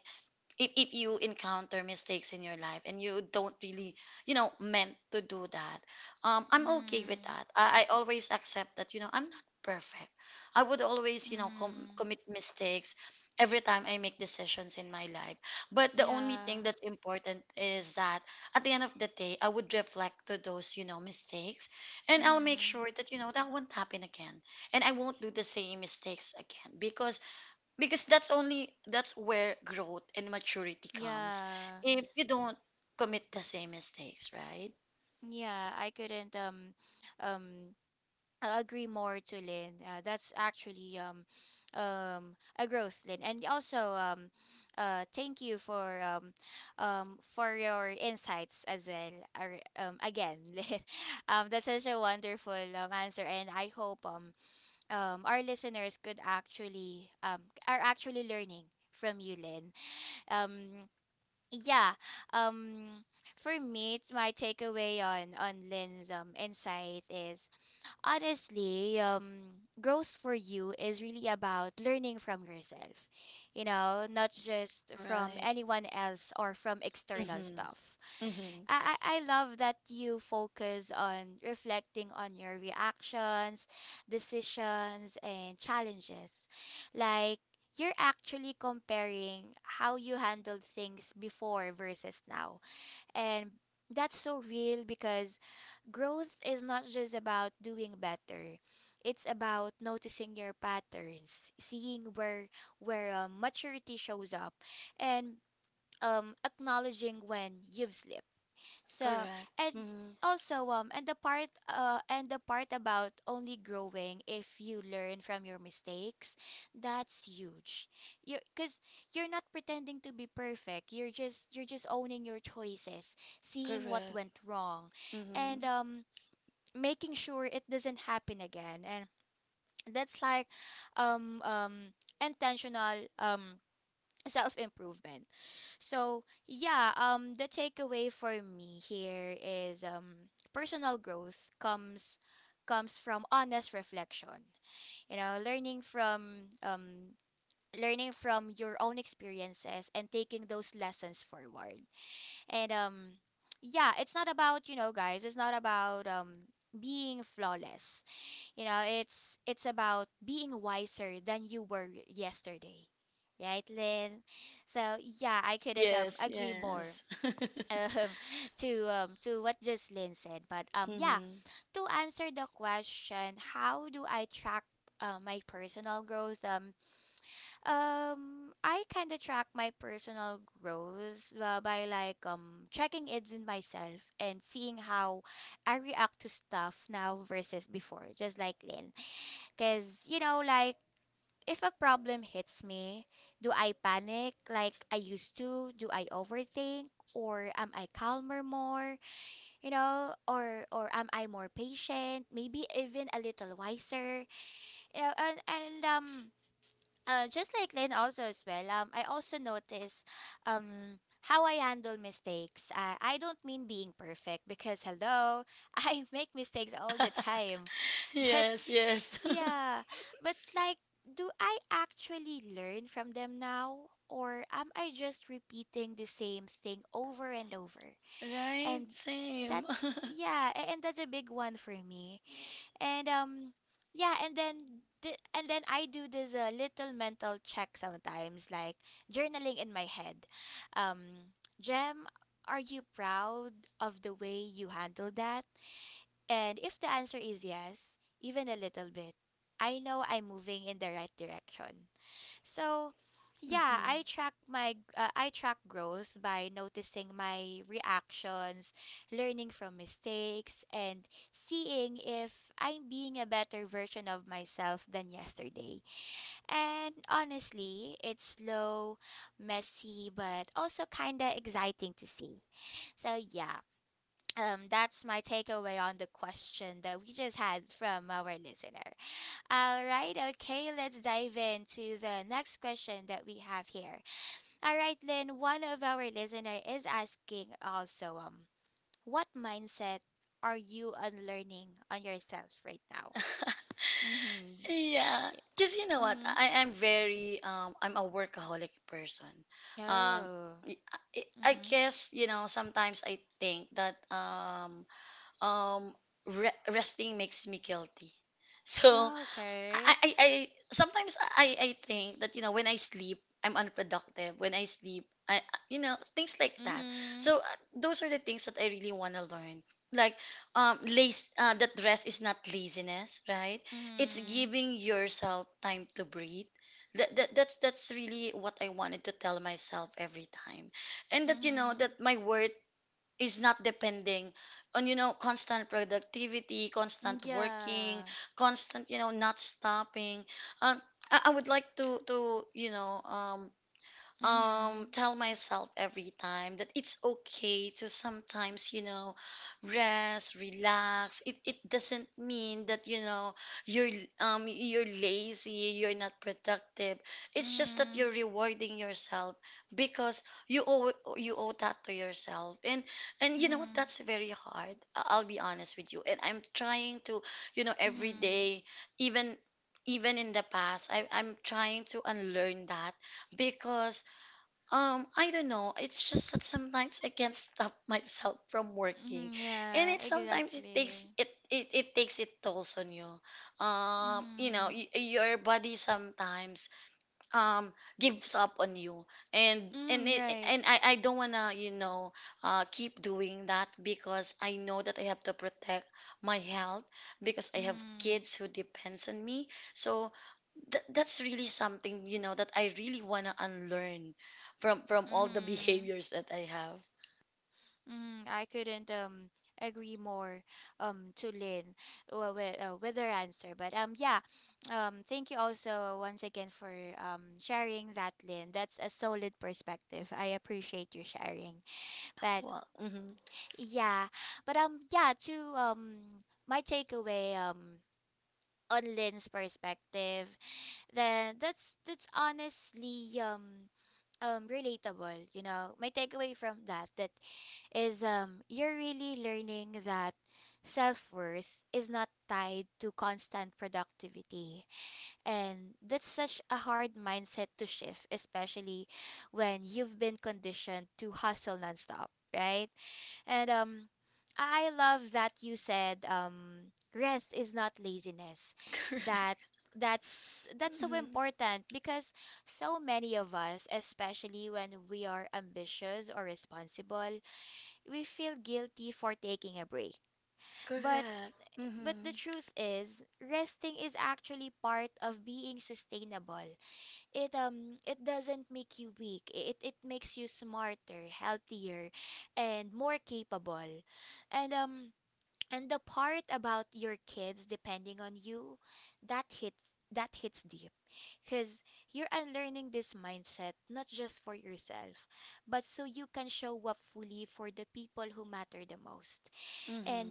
Speaker 2: if, if you encounter mistakes in your life and you don't really, you know, meant to do that. um I'm okay with
Speaker 1: Mm.
Speaker 2: that. i, I always accept that, you know, I'm not perfect. I would always, you know, com-
Speaker 1: Mm.
Speaker 2: commit mistakes every time I make decisions in my life. But the only
Speaker 1: Yeah.
Speaker 2: thing that's important is that at the end of the day, I would reflect to those, you know, mistakes, and I'll make sure
Speaker 1: Mhm.
Speaker 2: that you know, that won't happen again, and I won't do the same mistakes again, because because that's only, that's where growth and maturity comes,
Speaker 1: Yeah.
Speaker 2: if you don't commit the same mistakes, right?
Speaker 1: Yeah, I couldn't um um a- agree more to Lynn. Uh, that's actually um um a growth, Lynn. And also um uh thank you for um um for your insights as well. Ar- Um again, Lynn. Um that's such a wonderful um answer, and I hope um um, our listeners could actually um, are actually learning from you, Lynn. Um, yeah. Um, for me, it's my takeaway on on Lynn's um, insight is honestly, um, growth for you is really about learning from yourself. You know, not just from
Speaker 2: Right.
Speaker 1: anyone else or from external
Speaker 2: Mm-hmm.
Speaker 1: stuff.
Speaker 2: Mm-hmm.
Speaker 1: I, I I love that you focus on reflecting on your reactions, decisions, and challenges. Like, you're actually comparing how you handled things before versus now. And that's so real because growth is not just about doing better. It's about noticing your patterns, seeing where where um, maturity shows up, and um, acknowledging when you've slipped. So
Speaker 2: Correct.
Speaker 1: and
Speaker 2: Mm-hmm.
Speaker 1: also um and the part uh and the part about only growing if you learn from your mistakes, that's huge. You Because you're not pretending to be perfect. You're just you're just owning your choices, seeing what
Speaker 2: Correct.
Speaker 1: went wrong, and
Speaker 2: Mm-hmm.
Speaker 1: um making sure it doesn't happen again. And that's like um um intentional um self-improvement. So, yeah, um the takeaway for me here is um personal growth comes comes from honest reflection. You know, learning from um learning from your own experiences and taking those lessons forward. And um yeah, it's not about, you know, guys, it's not about um being flawless. You know, it's it's about being wiser than you were yesterday. Right, Lynn? So yeah, I couldn't um
Speaker 2: Yes,
Speaker 1: agree more
Speaker 2: yes.
Speaker 1: um to um to what just Lynn said. But um yeah,
Speaker 2: Mm-hmm.
Speaker 1: to answer the question, how do I track uh, my personal growth? Um um I kind of track my personal growth uh, by like um checking it with myself and seeing how I react to stuff now versus before, just like Lynn. Because, you know, like, if a problem hits me, do I panic like I used to? Do I overthink? Or am I calmer more? You know, or or am I more patient? Maybe even a little wiser. You know, and, and um uh, Just like Lynn also as well, um I also notice um how I handle mistakes. Uh, I don't mean being perfect because hello, I make mistakes all the time. But
Speaker 2: Yes, yes.
Speaker 1: yeah, but like, do I actually learn from them now? Or am I just repeating the same thing over and over?
Speaker 2: Right,
Speaker 1: And
Speaker 2: same.
Speaker 1: that, yeah, a- and that's a big one for me. And um, yeah, and then th and then I do this uh, little mental check sometimes, like journaling in my head. Um, Jem, are you proud of the way you handled that? And if the answer is yes, even a little bit, I know I'm moving in the right direction. So, yeah,
Speaker 2: Mm-hmm.
Speaker 1: I track my uh, I track growth by noticing my reactions, learning from mistakes, and seeing if I'm being a better version of myself than yesterday. And honestly, it's slow, messy, but also kind of exciting to see. So, yeah, um, that's my takeaway on the question that we just had from our listener. All right, okay, let's dive into the next question that we have here. All right, Lynn, one of our listener is asking also, um, what mindset are you unlearning on yourself right now? Mm-hmm.
Speaker 2: Yeah, because you know what,
Speaker 1: Mm-hmm.
Speaker 2: I am very um I'm a workaholic person. um
Speaker 1: Oh.
Speaker 2: y- I, I
Speaker 1: Mm-hmm.
Speaker 2: guess you know, sometimes I think that um um re- resting makes me guilty, so I,
Speaker 1: Okay.
Speaker 2: I i sometimes i i think that, you know, when I sleep I'm unproductive, when I sleep I, you know, things like that.
Speaker 1: Mm-hmm.
Speaker 2: So uh, those are the things that I really want to learn, like, um lace uh, that rest is not laziness, right? It's
Speaker 1: Mm-hmm.
Speaker 2: giving yourself time to breathe. That, that that's that's really what I wanted to tell myself every time. And that, you know, that
Speaker 1: Mm-hmm.
Speaker 2: my worth is not depending on, you know, constant productivity, constant working,
Speaker 1: Yeah.
Speaker 2: constant, you know, not stopping. um i, I would like to to you know, um um
Speaker 1: Mm-hmm.
Speaker 2: tell myself every time that it's okay to sometimes, you know, rest, relax. It it doesn't mean that, you know, you're um you're lazy, you're not productive. It's just that
Speaker 1: Mm-hmm.
Speaker 2: you're rewarding yourself, because you owe you owe that to yourself. and and you know what,
Speaker 1: Mm-hmm.
Speaker 2: that's very hard, I- I'll be honest with you, and I'm trying to, you know, every
Speaker 1: Mhm.
Speaker 2: day. Even even in the past, I, I'm trying to unlearn that. Because um, I don't know, it's just that sometimes I can't stop myself from working,
Speaker 1: Mhm,
Speaker 2: and
Speaker 1: yeah,
Speaker 2: it sometimes it takes
Speaker 1: exactly.
Speaker 2: it it, it takes it tolls on you. Um, you know,
Speaker 1: Mhm.
Speaker 2: y- your body sometimes um gives up on you. And and
Speaker 1: Mhm,
Speaker 2: it,
Speaker 1: right.
Speaker 2: and I I don't wanna, you know, uh keep doing that, because I know that I have to protect my health, because I have
Speaker 1: Mhm.
Speaker 2: kids who depends on me. So Th- that's really something, you know, that I really want to unlearn from from all the
Speaker 1: Mhm.
Speaker 2: behaviors that I have.
Speaker 1: Mhm. I couldn't um agree more um to Lynn uh, with uh, with her answer. But um yeah, um thank you also once again for um sharing that, Lynn. That's a solid perspective. I appreciate you sharing. But
Speaker 2: Wow. Mm-hmm.
Speaker 1: yeah, but um yeah, to um my takeaway um on Lynn's perspective then that's that's honestly um um relatable. You know, my takeaway from that that is um you're really learning that self-worth is not tied to constant productivity, and that's such a hard mindset to shift, especially when you've been conditioned to hustle nonstop, right? And um I love that you said, um rest is not laziness.
Speaker 2: Correct.
Speaker 1: That that's that's so
Speaker 2: Mm-hmm.
Speaker 1: important because so many of us, especially when we are ambitious or responsible, we feel guilty for taking a break. But
Speaker 2: Correct.
Speaker 1: but the
Speaker 2: Mm-hmm.
Speaker 1: truth is, resting is actually part of being sustainable. It um it doesn't make you weak. I- it it makes you smarter, healthier, and more capable. And um and the part about your kids depending on you, that hits that hits deep because you're unlearning this mindset not just for yourself but so you can show up fully for the people who matter the most. And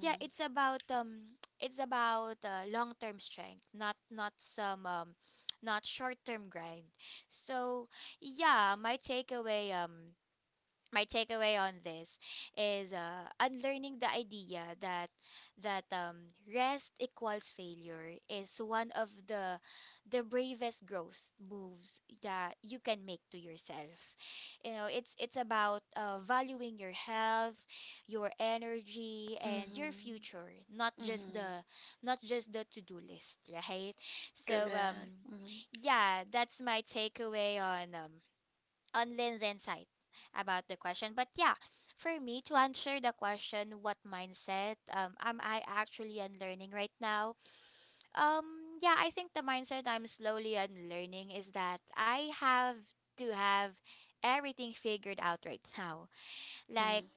Speaker 1: yeah, it's about um it's about uh, long-term strength, not not some um not short-term grind. So yeah, my takeaway um my takeaway on this is uh, unlearning the idea that that um, rest equals failure is one of the the bravest growth moves that you can make to yourself. You know, it's it's about uh, valuing your health, your energy, and your future,
Speaker 2: Mm-hmm.
Speaker 1: not
Speaker 2: Mm-hmm.
Speaker 1: just
Speaker 2: Mm-hmm.
Speaker 1: the not just the to do list, right? So
Speaker 2: Correct.
Speaker 1: um,
Speaker 2: Mm-hmm.
Speaker 1: yeah, that's my takeaway on um on Lynn's insight about the question. But yeah, for me to answer the question, what mindset um, am I actually unlearning right now? Um, yeah, I think the mindset I'm slowly unlearning is that I have to have everything figured out right now. Like,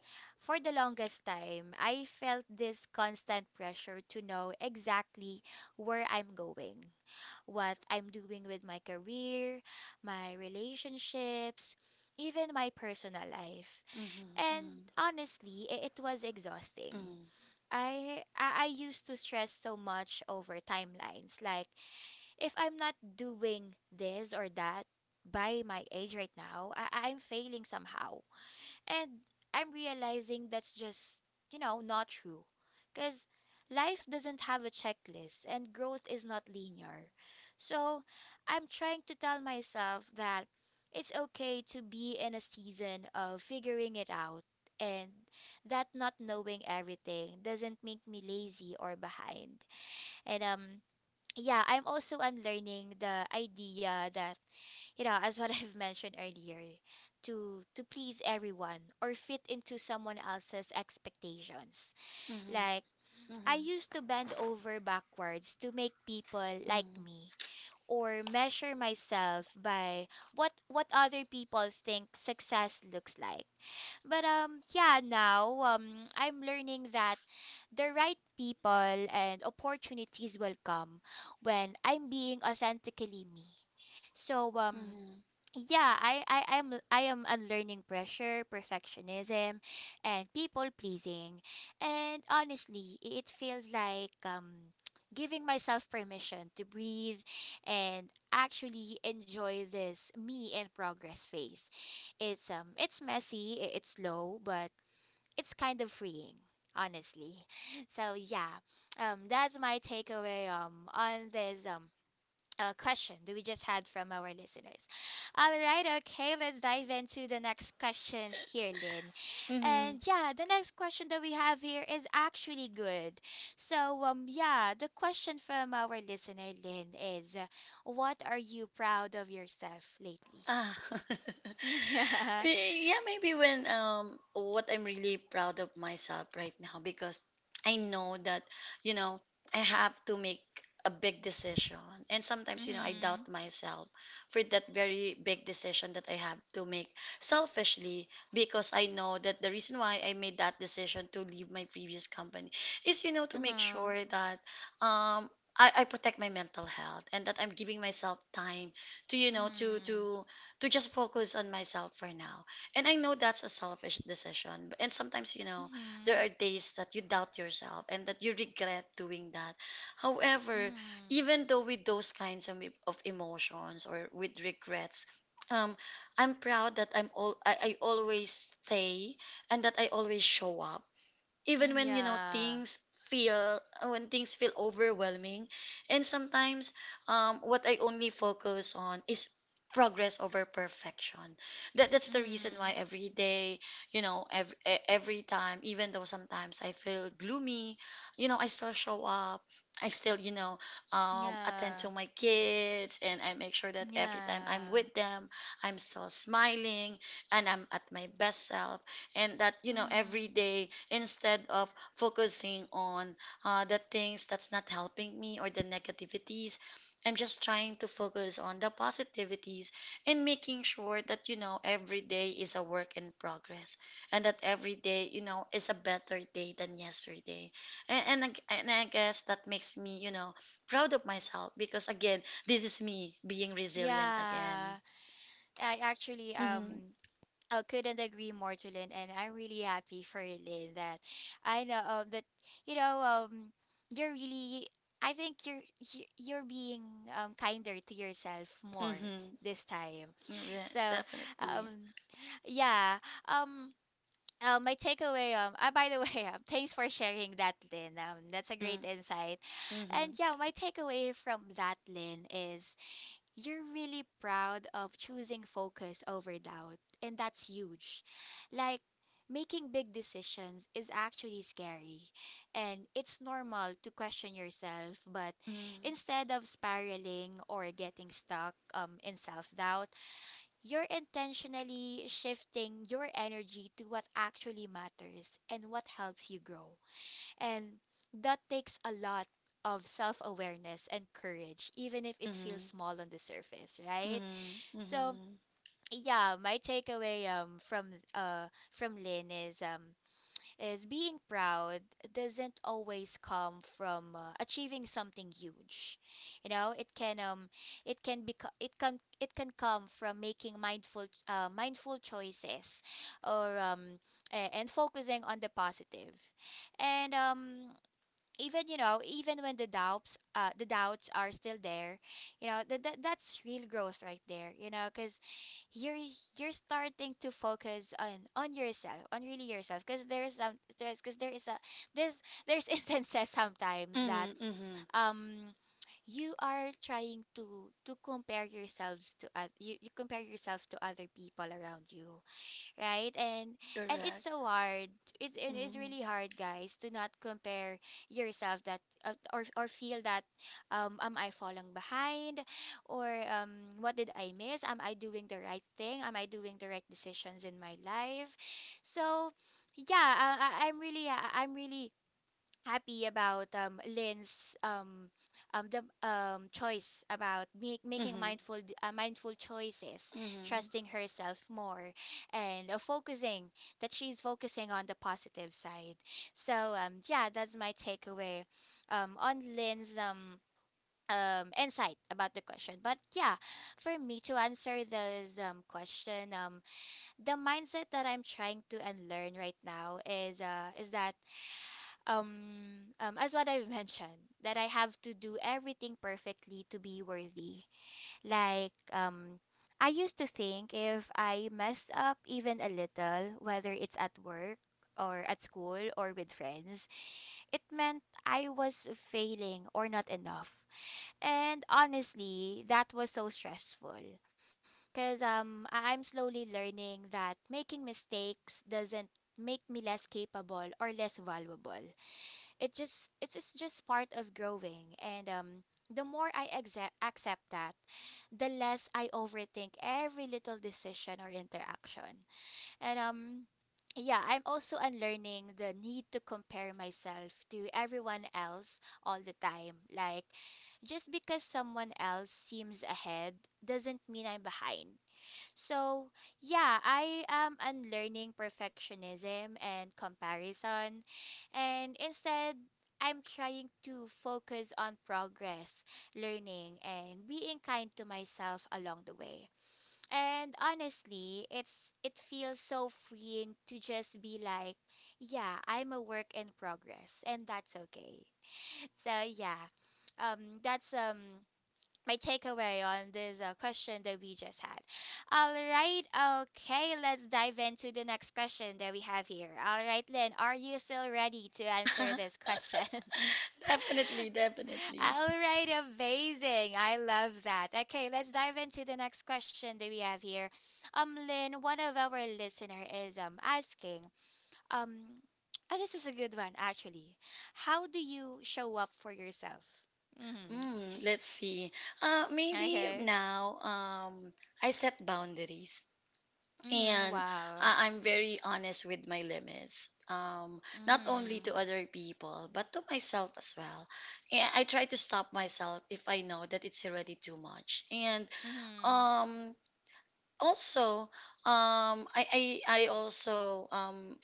Speaker 1: for the longest time, I felt this constant pressure to know exactly where I'm going, what I'm doing with my career, my relationships, even my personal life.
Speaker 2: Mm-hmm.
Speaker 1: And
Speaker 2: Mm-hmm.
Speaker 1: honestly, i- it was exhausting.
Speaker 2: Mm-hmm.
Speaker 1: I, I I used to stress so much over timelines. Like, if I'm not doing this or that by my age right now, I, I'm failing somehow and I'm realizing that's just, you know, not true. Because life doesn't have a checklist and growth is not linear. So I'm trying to tell myself that it's okay to be in a season of figuring it out. And that not knowing everything doesn't make me lazy or behind. And um yeah, I'm also unlearning the idea that, you know, as what I've mentioned earlier, to to please everyone or fit into someone else's expectations.
Speaker 2: Mm-hmm. Mm-hmm.
Speaker 1: Like, I used to bend over backwards to make people like
Speaker 2: Mm-hmm.
Speaker 1: me or measure myself by what what other people think success looks like. But um yeah, now um I'm learning that the right people and opportunities will come when I'm being authentically me. So um
Speaker 2: Mm-hmm.
Speaker 1: yeah I, I I am I am unlearning pressure, perfectionism, and people pleasing, and honestly i- it feels like um giving myself permission to breathe and actually enjoy this me in progress phase. It's um it's messy, i- it's slow, but it's kind of freeing, honestly. so yeah um that's my takeaway um on this um uh, question that we just had from our listeners. All right, okay, let's dive into the next question here, Lynn.
Speaker 2: Mm-hmm.
Speaker 1: And yeah, the next question that we have here is actually good. So, um, yeah, the question from our listener, Lynn, is, uh, what are you proud of yourself lately?
Speaker 2: Ah.
Speaker 1: Yeah.
Speaker 2: Eh, yeah, maybe when um what I'm really proud of myself right now, because I know that, you know, I have to make a big decision, and sometimes, you know, I
Speaker 1: Mm-hmm.
Speaker 2: doubt myself for that very big decision that I have to make selfishly, because I know that the reason why I made that decision to leave my previous company is, you know, to make
Speaker 1: Uh-huh.
Speaker 2: sure that um I, I protect my mental health, and that I'm giving myself time to, you know, to
Speaker 1: Mm-hmm.
Speaker 2: to to just focus on myself for now. And I know that's a selfish decision. And sometimes, you know,
Speaker 1: Mm-hmm.
Speaker 2: there are days that you doubt yourself and that you regret doing that. However,
Speaker 1: Mm-hmm.
Speaker 2: even though with those kinds of, e, of emotions or with regrets, um, I'm proud that I'm all I, I always stay and that I always show up even
Speaker 1: Mm,
Speaker 2: when, you know,
Speaker 1: yeah.
Speaker 2: things feel when things feel overwhelming. And sometimes um, what I only focus on is progress over perfection. That that's the reason why
Speaker 1: Mm-hmm.
Speaker 2: every day, you know, every, every time, even though sometimes I feel gloomy, you know, I still show up, I still, you know, um, attend
Speaker 1: Yeah.
Speaker 2: to my kids, and I make sure that every time I'm
Speaker 1: Yeah.
Speaker 2: with them, I'm still smiling, and I'm at my best self. And that, you know, every
Speaker 1: Mm-hmm.
Speaker 2: day, instead of focusing on uh, the things that's not helping me or the negativities, I'm just trying to focus on the positivities, and making sure that, you know, every day is a work in progress, and that every day, you know, is a better day than yesterday. And and, ag- and I guess that makes me, you know, proud of myself, because again, this is me being resilient again.
Speaker 1: Yeah, I actually
Speaker 2: Mm-hmm.
Speaker 1: um I couldn't agree more to Lynn, and I'm really happy for Lynn that I know, um, that you know um you're really, I think you're you- you're being um kinder to yourself more
Speaker 2: Mm-hmm.
Speaker 1: this time.
Speaker 2: Yeah,
Speaker 1: So
Speaker 2: definitely.
Speaker 1: um yeah um. Uh, my takeaway, um uh, by the way, um, thanks for sharing that, Lynn. Um that's a great
Speaker 2: Mm-hmm.
Speaker 1: insight,
Speaker 2: Mm-hmm.
Speaker 1: and yeah, my takeaway from that, Lynn, is you're really proud of choosing focus over doubt, and that's huge. Like, making big decisions is actually scary, and it's normal to question yourself, but
Speaker 2: Mm-hmm.
Speaker 1: instead of spiraling or getting stuck, um, in self doubt, you're intentionally shifting your energy to what actually matters and what helps you grow. And that takes a lot of self awareness and courage, even if it feels small on the surface, right?
Speaker 2: Mm-hmm.
Speaker 1: So
Speaker 2: Mm-hmm.
Speaker 1: yeah, my takeaway um from uh from Lynn is, um is being proud doesn't always come from uh, achieving something huge. You know, it can um it can be it can it can come from making mindful uh, mindful choices or um a- and focusing on the positive. And um even you know even when the doubts uh the doubts are still there, you know that that that's real growth right there, you know, because you're you're starting to focus on on yourself, on really yourself, because there is some there's because there is a, this, there's instances sometimes that
Speaker 2: Mm-hmm. Mm-hmm.
Speaker 1: um you are trying to to compare yourselves to oth- you, you compare yourself to other people around you, right? And and it's
Speaker 2: Correct.
Speaker 1: so hard. It's, it is
Speaker 2: Mm-hmm.
Speaker 1: really hard, guys, to not compare yourself, that, uh, or or feel that, um am I falling behind or um what did I miss? Am I doing the right thing? Am I doing the right decisions in my life? So yeah, uh, I, I'm really I, I'm really happy about um, Lynn's, um, um, the um, choice about make, making
Speaker 2: Mm-hmm.
Speaker 1: mindful d- uh, mindful choices,
Speaker 2: Mm-hmm.
Speaker 1: trusting herself more, and uh, focusing, that she's focusing on the positive side. So um, yeah, that's my takeaway um, on Lynn's um, um, insight about the question. But yeah, for me to answer this um, question, um, the mindset that I'm trying to unlearn right now is, uh, is that, um, um, as what I've mentioned, that I have to do everything perfectly to be worthy. Like, um, I used to think if I mess up even a little, whether it's at work or at school or with friends, it meant I was failing or not enough. And honestly, that was so stressful. Because um, I- I'm slowly learning that making mistakes doesn't make me less capable or less valuable. It just it is just part of growing. And um the more I accept accept that the less I overthink every little decision or interaction and um yeah, I'm also unlearning the need to compare myself to everyone else all the time. Like, just because someone else seems ahead doesn't mean I'm behind. So, yeah, I am unlearning perfectionism and comparison. And instead, I'm trying to focus on progress, learning, and being kind to myself along the way. And honestly, it's, it feels so freeing to just be like, yeah, I'm a work in progress, and that's okay. So, yeah. Um that's um my takeaway on this uh, question that we just had. All right, okay, let's dive into the next question that we have here. All right, Lynn, are you still ready to answer this question?
Speaker 2: Definitely, definitely.
Speaker 1: All right, amazing. I love that. Okay, let's dive into the next question that we have here. Um, Lynn, one of our listener is um asking, um, oh, this is a good one actually. How do you show up for yourself? Mm-hmm.
Speaker 2: Mm, let's see. Uh, maybe
Speaker 1: Okay.
Speaker 2: now um, I set boundaries
Speaker 1: Mm-hmm.
Speaker 2: and
Speaker 1: Wow.
Speaker 2: uh, I'm very honest with my limits. Um, not only to
Speaker 1: Mhm.
Speaker 2: other people, but to myself as well. And I try to stop myself if I know that it's already too much. And
Speaker 1: Mhm.
Speaker 2: um also um i i, I also, um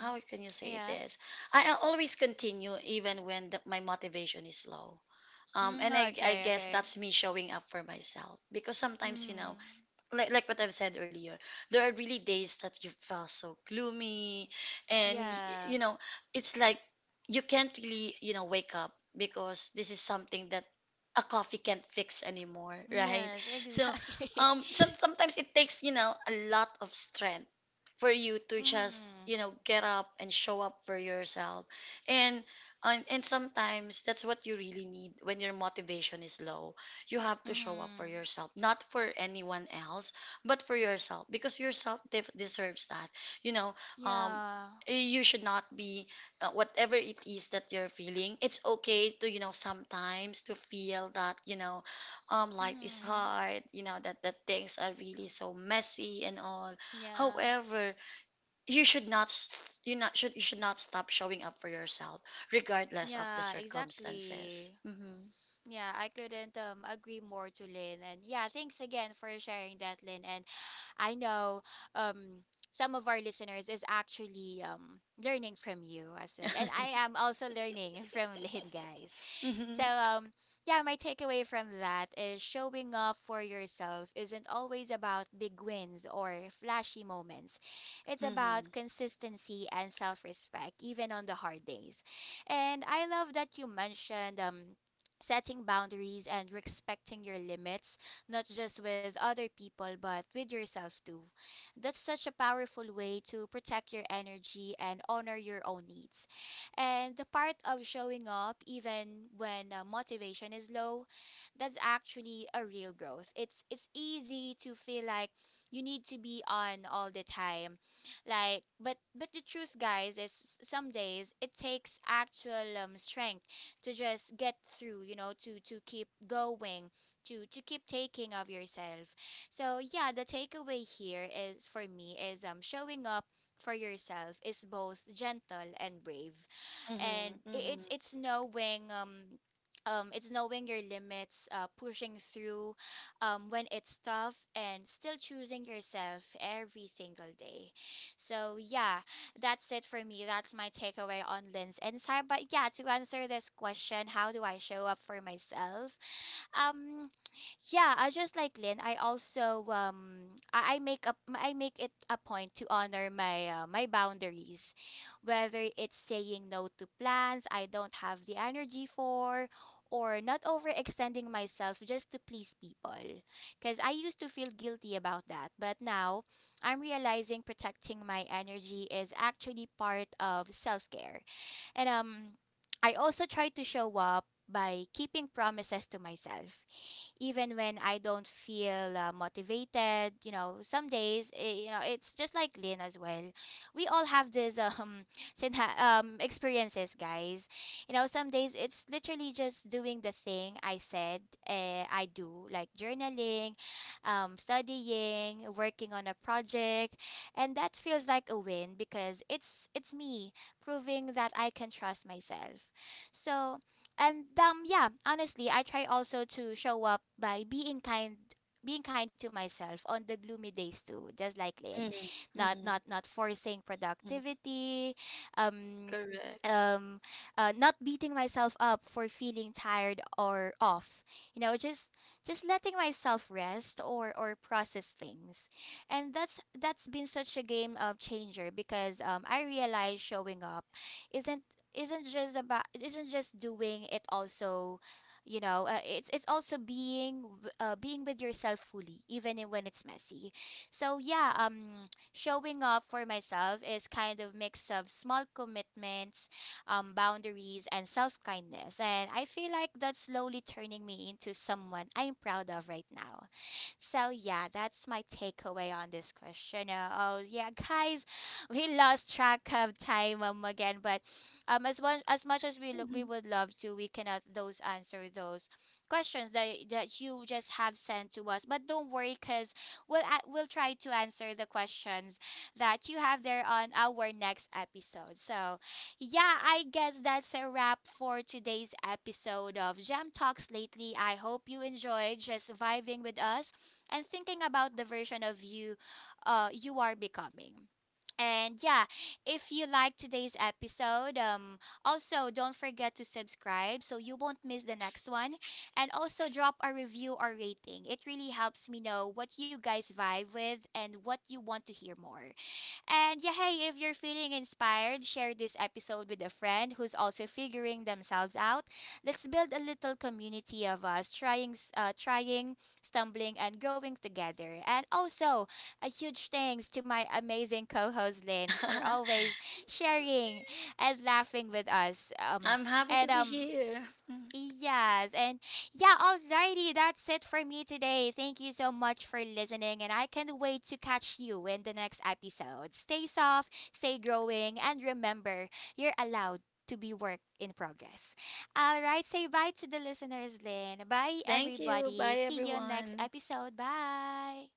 Speaker 2: how can you say
Speaker 1: Yeah.
Speaker 2: this, i a- always continue even when the, my motivation is low. um and
Speaker 1: Mm,
Speaker 2: I, I
Speaker 1: okay,
Speaker 2: guess
Speaker 1: okay.
Speaker 2: that's me showing up for myself, because sometimes, you know,
Speaker 1: Mhm.
Speaker 2: like like what I've said earlier, there are really days that you felt so gloomy, and y-
Speaker 1: Yeah.
Speaker 2: you know, it's like you can't really, you know, wake up, because this is something that a coffee can't fix anymore, right?
Speaker 1: Yes,
Speaker 2: So
Speaker 1: exactly.
Speaker 2: um, some sometimes it takes, you know, a lot of strength for you to just,
Speaker 1: Mhm.
Speaker 2: you know, get up and show up for yourself. And and, and sometimes that's what you really need. When your motivation is low, you have to show up for
Speaker 1: Mhm.
Speaker 2: yourself, not for anyone else, but for yourself, because yourself de- deserves that. You know, um,
Speaker 1: Yeah.
Speaker 2: you should not be, uh, whatever it is that you're feeling, it's okay to, you know, sometimes to feel that, you know, um, life is
Speaker 1: Mhm.
Speaker 2: hard. You know that that things are really so messy and all.
Speaker 1: Yeah.
Speaker 2: However, you should not s- you not should you should not stop showing up for yourself regardless of the
Speaker 1: Yeah,
Speaker 2: circumstances.
Speaker 1: exactly.
Speaker 2: Mm-hmm.
Speaker 1: Yeah, I couldn't um agree more to Lynn. And yeah, thanks again for sharing that, Lynn. And I know um some of our listeners is actually um learning from you as well. And I am also learning from Lynn, guys. So
Speaker 2: Mm-hmm.
Speaker 1: um yeah, my takeaway from that is, showing up for yourself isn't always about big wins or flashy moments. It's about consistency and self-respect, even on the hard days. And I love that you mentioned um setting boundaries and respecting your limits, not just with other people, but with yourself too. That's such a powerful way to protect your energy and honor your own needs. And the part of showing up, even when uh, motivation is low, that's actually a real growth. It's, it's easy to feel like you need to be on all the time, like but but the truth, guys, is some days it takes actual um, strength to just get through, you know, to to keep going, to to keep taking of yourself. So yeah, the takeaway here is, for me is, um showing up for yourself is both gentle and brave, and
Speaker 2: Mhm,
Speaker 1: i-
Speaker 2: mhm,
Speaker 1: it's it's knowing, um um, it's knowing your limits, uh, pushing through um, when it's tough, and still choosing yourself every single day. So, yeah, that's it for me. That's my takeaway on Lynn's insight. But yeah, to answer this question, how do I show up for myself? Um, yeah, I just like Lynn. I also, um I, I make up I make it a point to honor my uh, my boundaries, whether it's saying no to plans I don't have the energy for, or not overextending myself just to please people. Cause I used to feel guilty about that, but now I'm realizing protecting my energy is actually part of self care, and um I also try to show up by keeping promises to myself even when I don't feel uh, motivated. You know, some days, eh, you know, it's just like Lynn as well. We all have these, um, syna- um experiences, guys. You know, some days it's literally just doing the thing I said uh, I do, like journaling, um, studying, working on a project, and that feels like a win because it's it's me proving that I can trust myself. So, and um yeah, honestly, I try also to show up by being kind, being kind to myself on the gloomy days too, just like Lynn.
Speaker 2: mhm,
Speaker 1: not not
Speaker 2: mhm,
Speaker 1: not forcing
Speaker 2: mhm.
Speaker 1: productivity, um
Speaker 2: Correct.
Speaker 1: um uh, not beating myself up for feeling tired or off, you know, just just letting myself rest or or process things. And that's that's been such a game uh, changer, because um I realize showing up isn't isn't just about, it isn't just doing, it also, you know, uh, it's it's also being w- uh, being with yourself fully, even i- when it's messy. So yeah, um showing up for myself is kind of mix of small commitments, um boundaries, and self kindness, and I feel like that's slowly turning me into someone I'm proud of right now. So yeah, that's my takeaway on this question. Uh, oh yeah, guys, we lost track of time um again, but um as one as much as we lo- we
Speaker 2: Mhm.
Speaker 1: would love to, we cannot those answer those questions that that you just have sent to us. But don't worry, cause we'll a- we'll try to answer the questions that you have there on our next episode. So yeah, I guess that's a wrap for today's episode of Gem Talks Lately. I hope you enjoyed just vibing with us and thinking about the version of you uh, you are becoming. And yeah, if you like today's episode, um, also don't forget to subscribe so you won't miss the next one. And also drop a review or rating. It really helps me know what you guys vibe with and what you want to hear more. And yeah, hey, if you're feeling inspired, share this episode with a friend who's also figuring themselves out. Let's build a little community of us trying, s- uh, trying, stumbling, and growing together. And also, a huge thanks to my amazing co-host Lynn for always sharing and laughing with us. Um,
Speaker 2: I'm happy to
Speaker 1: and,
Speaker 2: be
Speaker 1: um,
Speaker 2: here. Mhm.
Speaker 1: yes, and yeah, alrighty, that's it for me today. Thank you so much for listening, and I can't wait to catch you in the next episode. Stay soft, stay growing, and remember, you're allowed to be work in progress. Alright, say bye to the listeners, Lynn. Bye,
Speaker 2: Thank you. Bye,
Speaker 1: everybody. See you next
Speaker 2: everyone.
Speaker 1: episode. Bye.